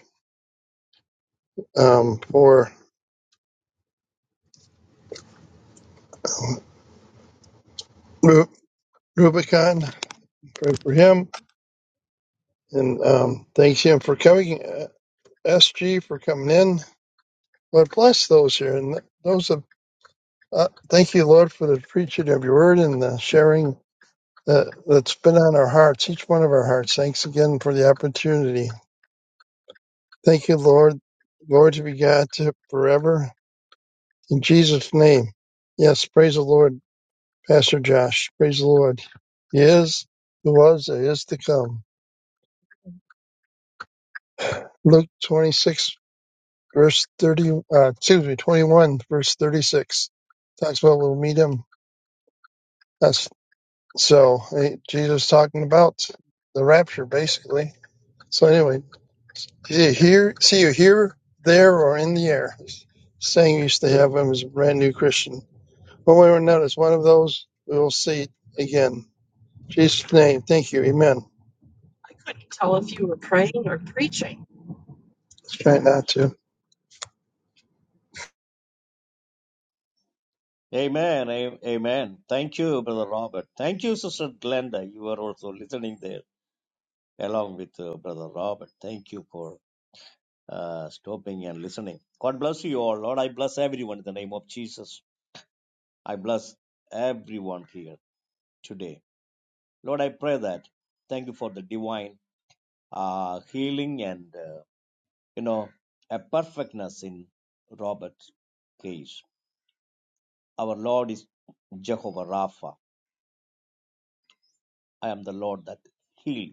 Um, for Ru- Rubicon, pray for him, and um, thanks him for coming. Uh, SG for coming in. Lord bless those here and those. Of, uh, thank you, Lord, for the preaching of your word and the sharing that, that's been on our hearts, each one of our hearts. Thanks again for the opportunity. Thank you, Lord. Glory to be God to forever. In Jesus' name. Yes, praise the Lord, Pastor Josh. Praise the Lord. He is, who was, and is to come. Luke 26, verse 30, uh, excuse me, 21, verse 36. Talks about we'll meet him. That's, so eh, Jesus talking about the rapture, basically. So anyway, see you here, see you here, there, or in the air. Saying you used to have him as a brand new Christian. One way or another, it's one of those we will see again. In Jesus' name, thank you. Amen. Let's try not to.
Amen. a- Amen. Thank you, Brother Robert. Thank you, Sister Glenda. You are also listening there along with uh, Brother Robert. Thank you for uh, stopping and listening. God bless you all. Lord, I bless everyone in the name of Jesus. I bless everyone here today. Lord, I pray that. Thank you for the divine uh, healing and, uh, you know, a perfectness in Robert's case. Our Lord is Jehovah Rapha. I am the Lord that heals.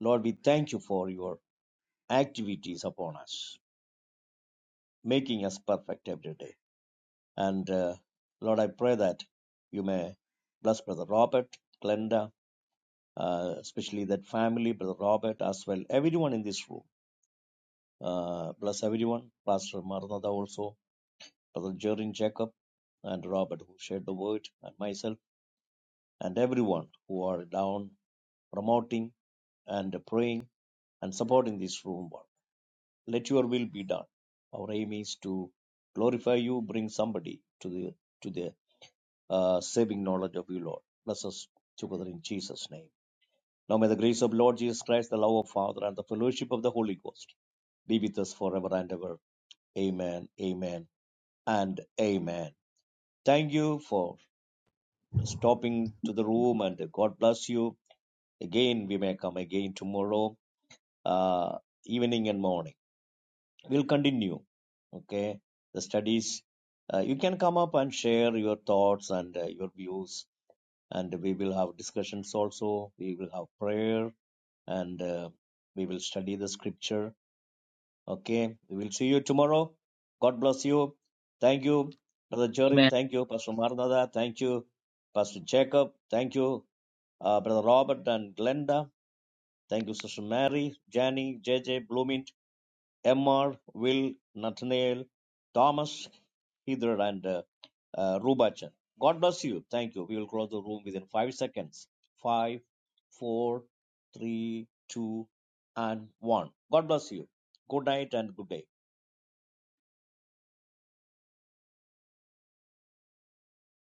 Lord, we thank you for your activities upon us, making us perfect every day. And uh, Lord, I pray that you may bless Brother Robert, Glenda, uh, especially that family, Brother Robert as well, everyone in this room. Uh, bless everyone, Pastor Maranatha also, Brother Jerin Jacob, and Robert who shared the word, and myself, and everyone who are down promoting and praying and supporting this room work. Let your will be done. Our aim is to glorify you, bring somebody to the to the uh, saving knowledge of you, Lord. Bless us together in Jesus' name. Now may the grace of Lord Jesus Christ, the love of Father, and the fellowship of the Holy Ghost be with us forever and ever. Amen, amen, and amen. Thank you for stopping to the room and God bless you. Again, we may come again tomorrow, uh, evening and morning. We'll continue, okay, the studies. Uh, you can come up and share your thoughts and uh, your views and we will have discussions also we will have prayer and uh, we will study the scripture okay we will see you tomorrow god bless you thank you brother
Man.
jorin thank you pastor maranatha thank you pastor jacob thank you uh, brother robert and glenda thank you sister mary Jani, J J, bloomington Emmer, Will, Nathaniel, Thomas, Heather, and uh, uh, Rubachan. God bless you. Thank you. We will close the room within five seconds. Five, four, three, two, and one. God bless you. Good night and good day.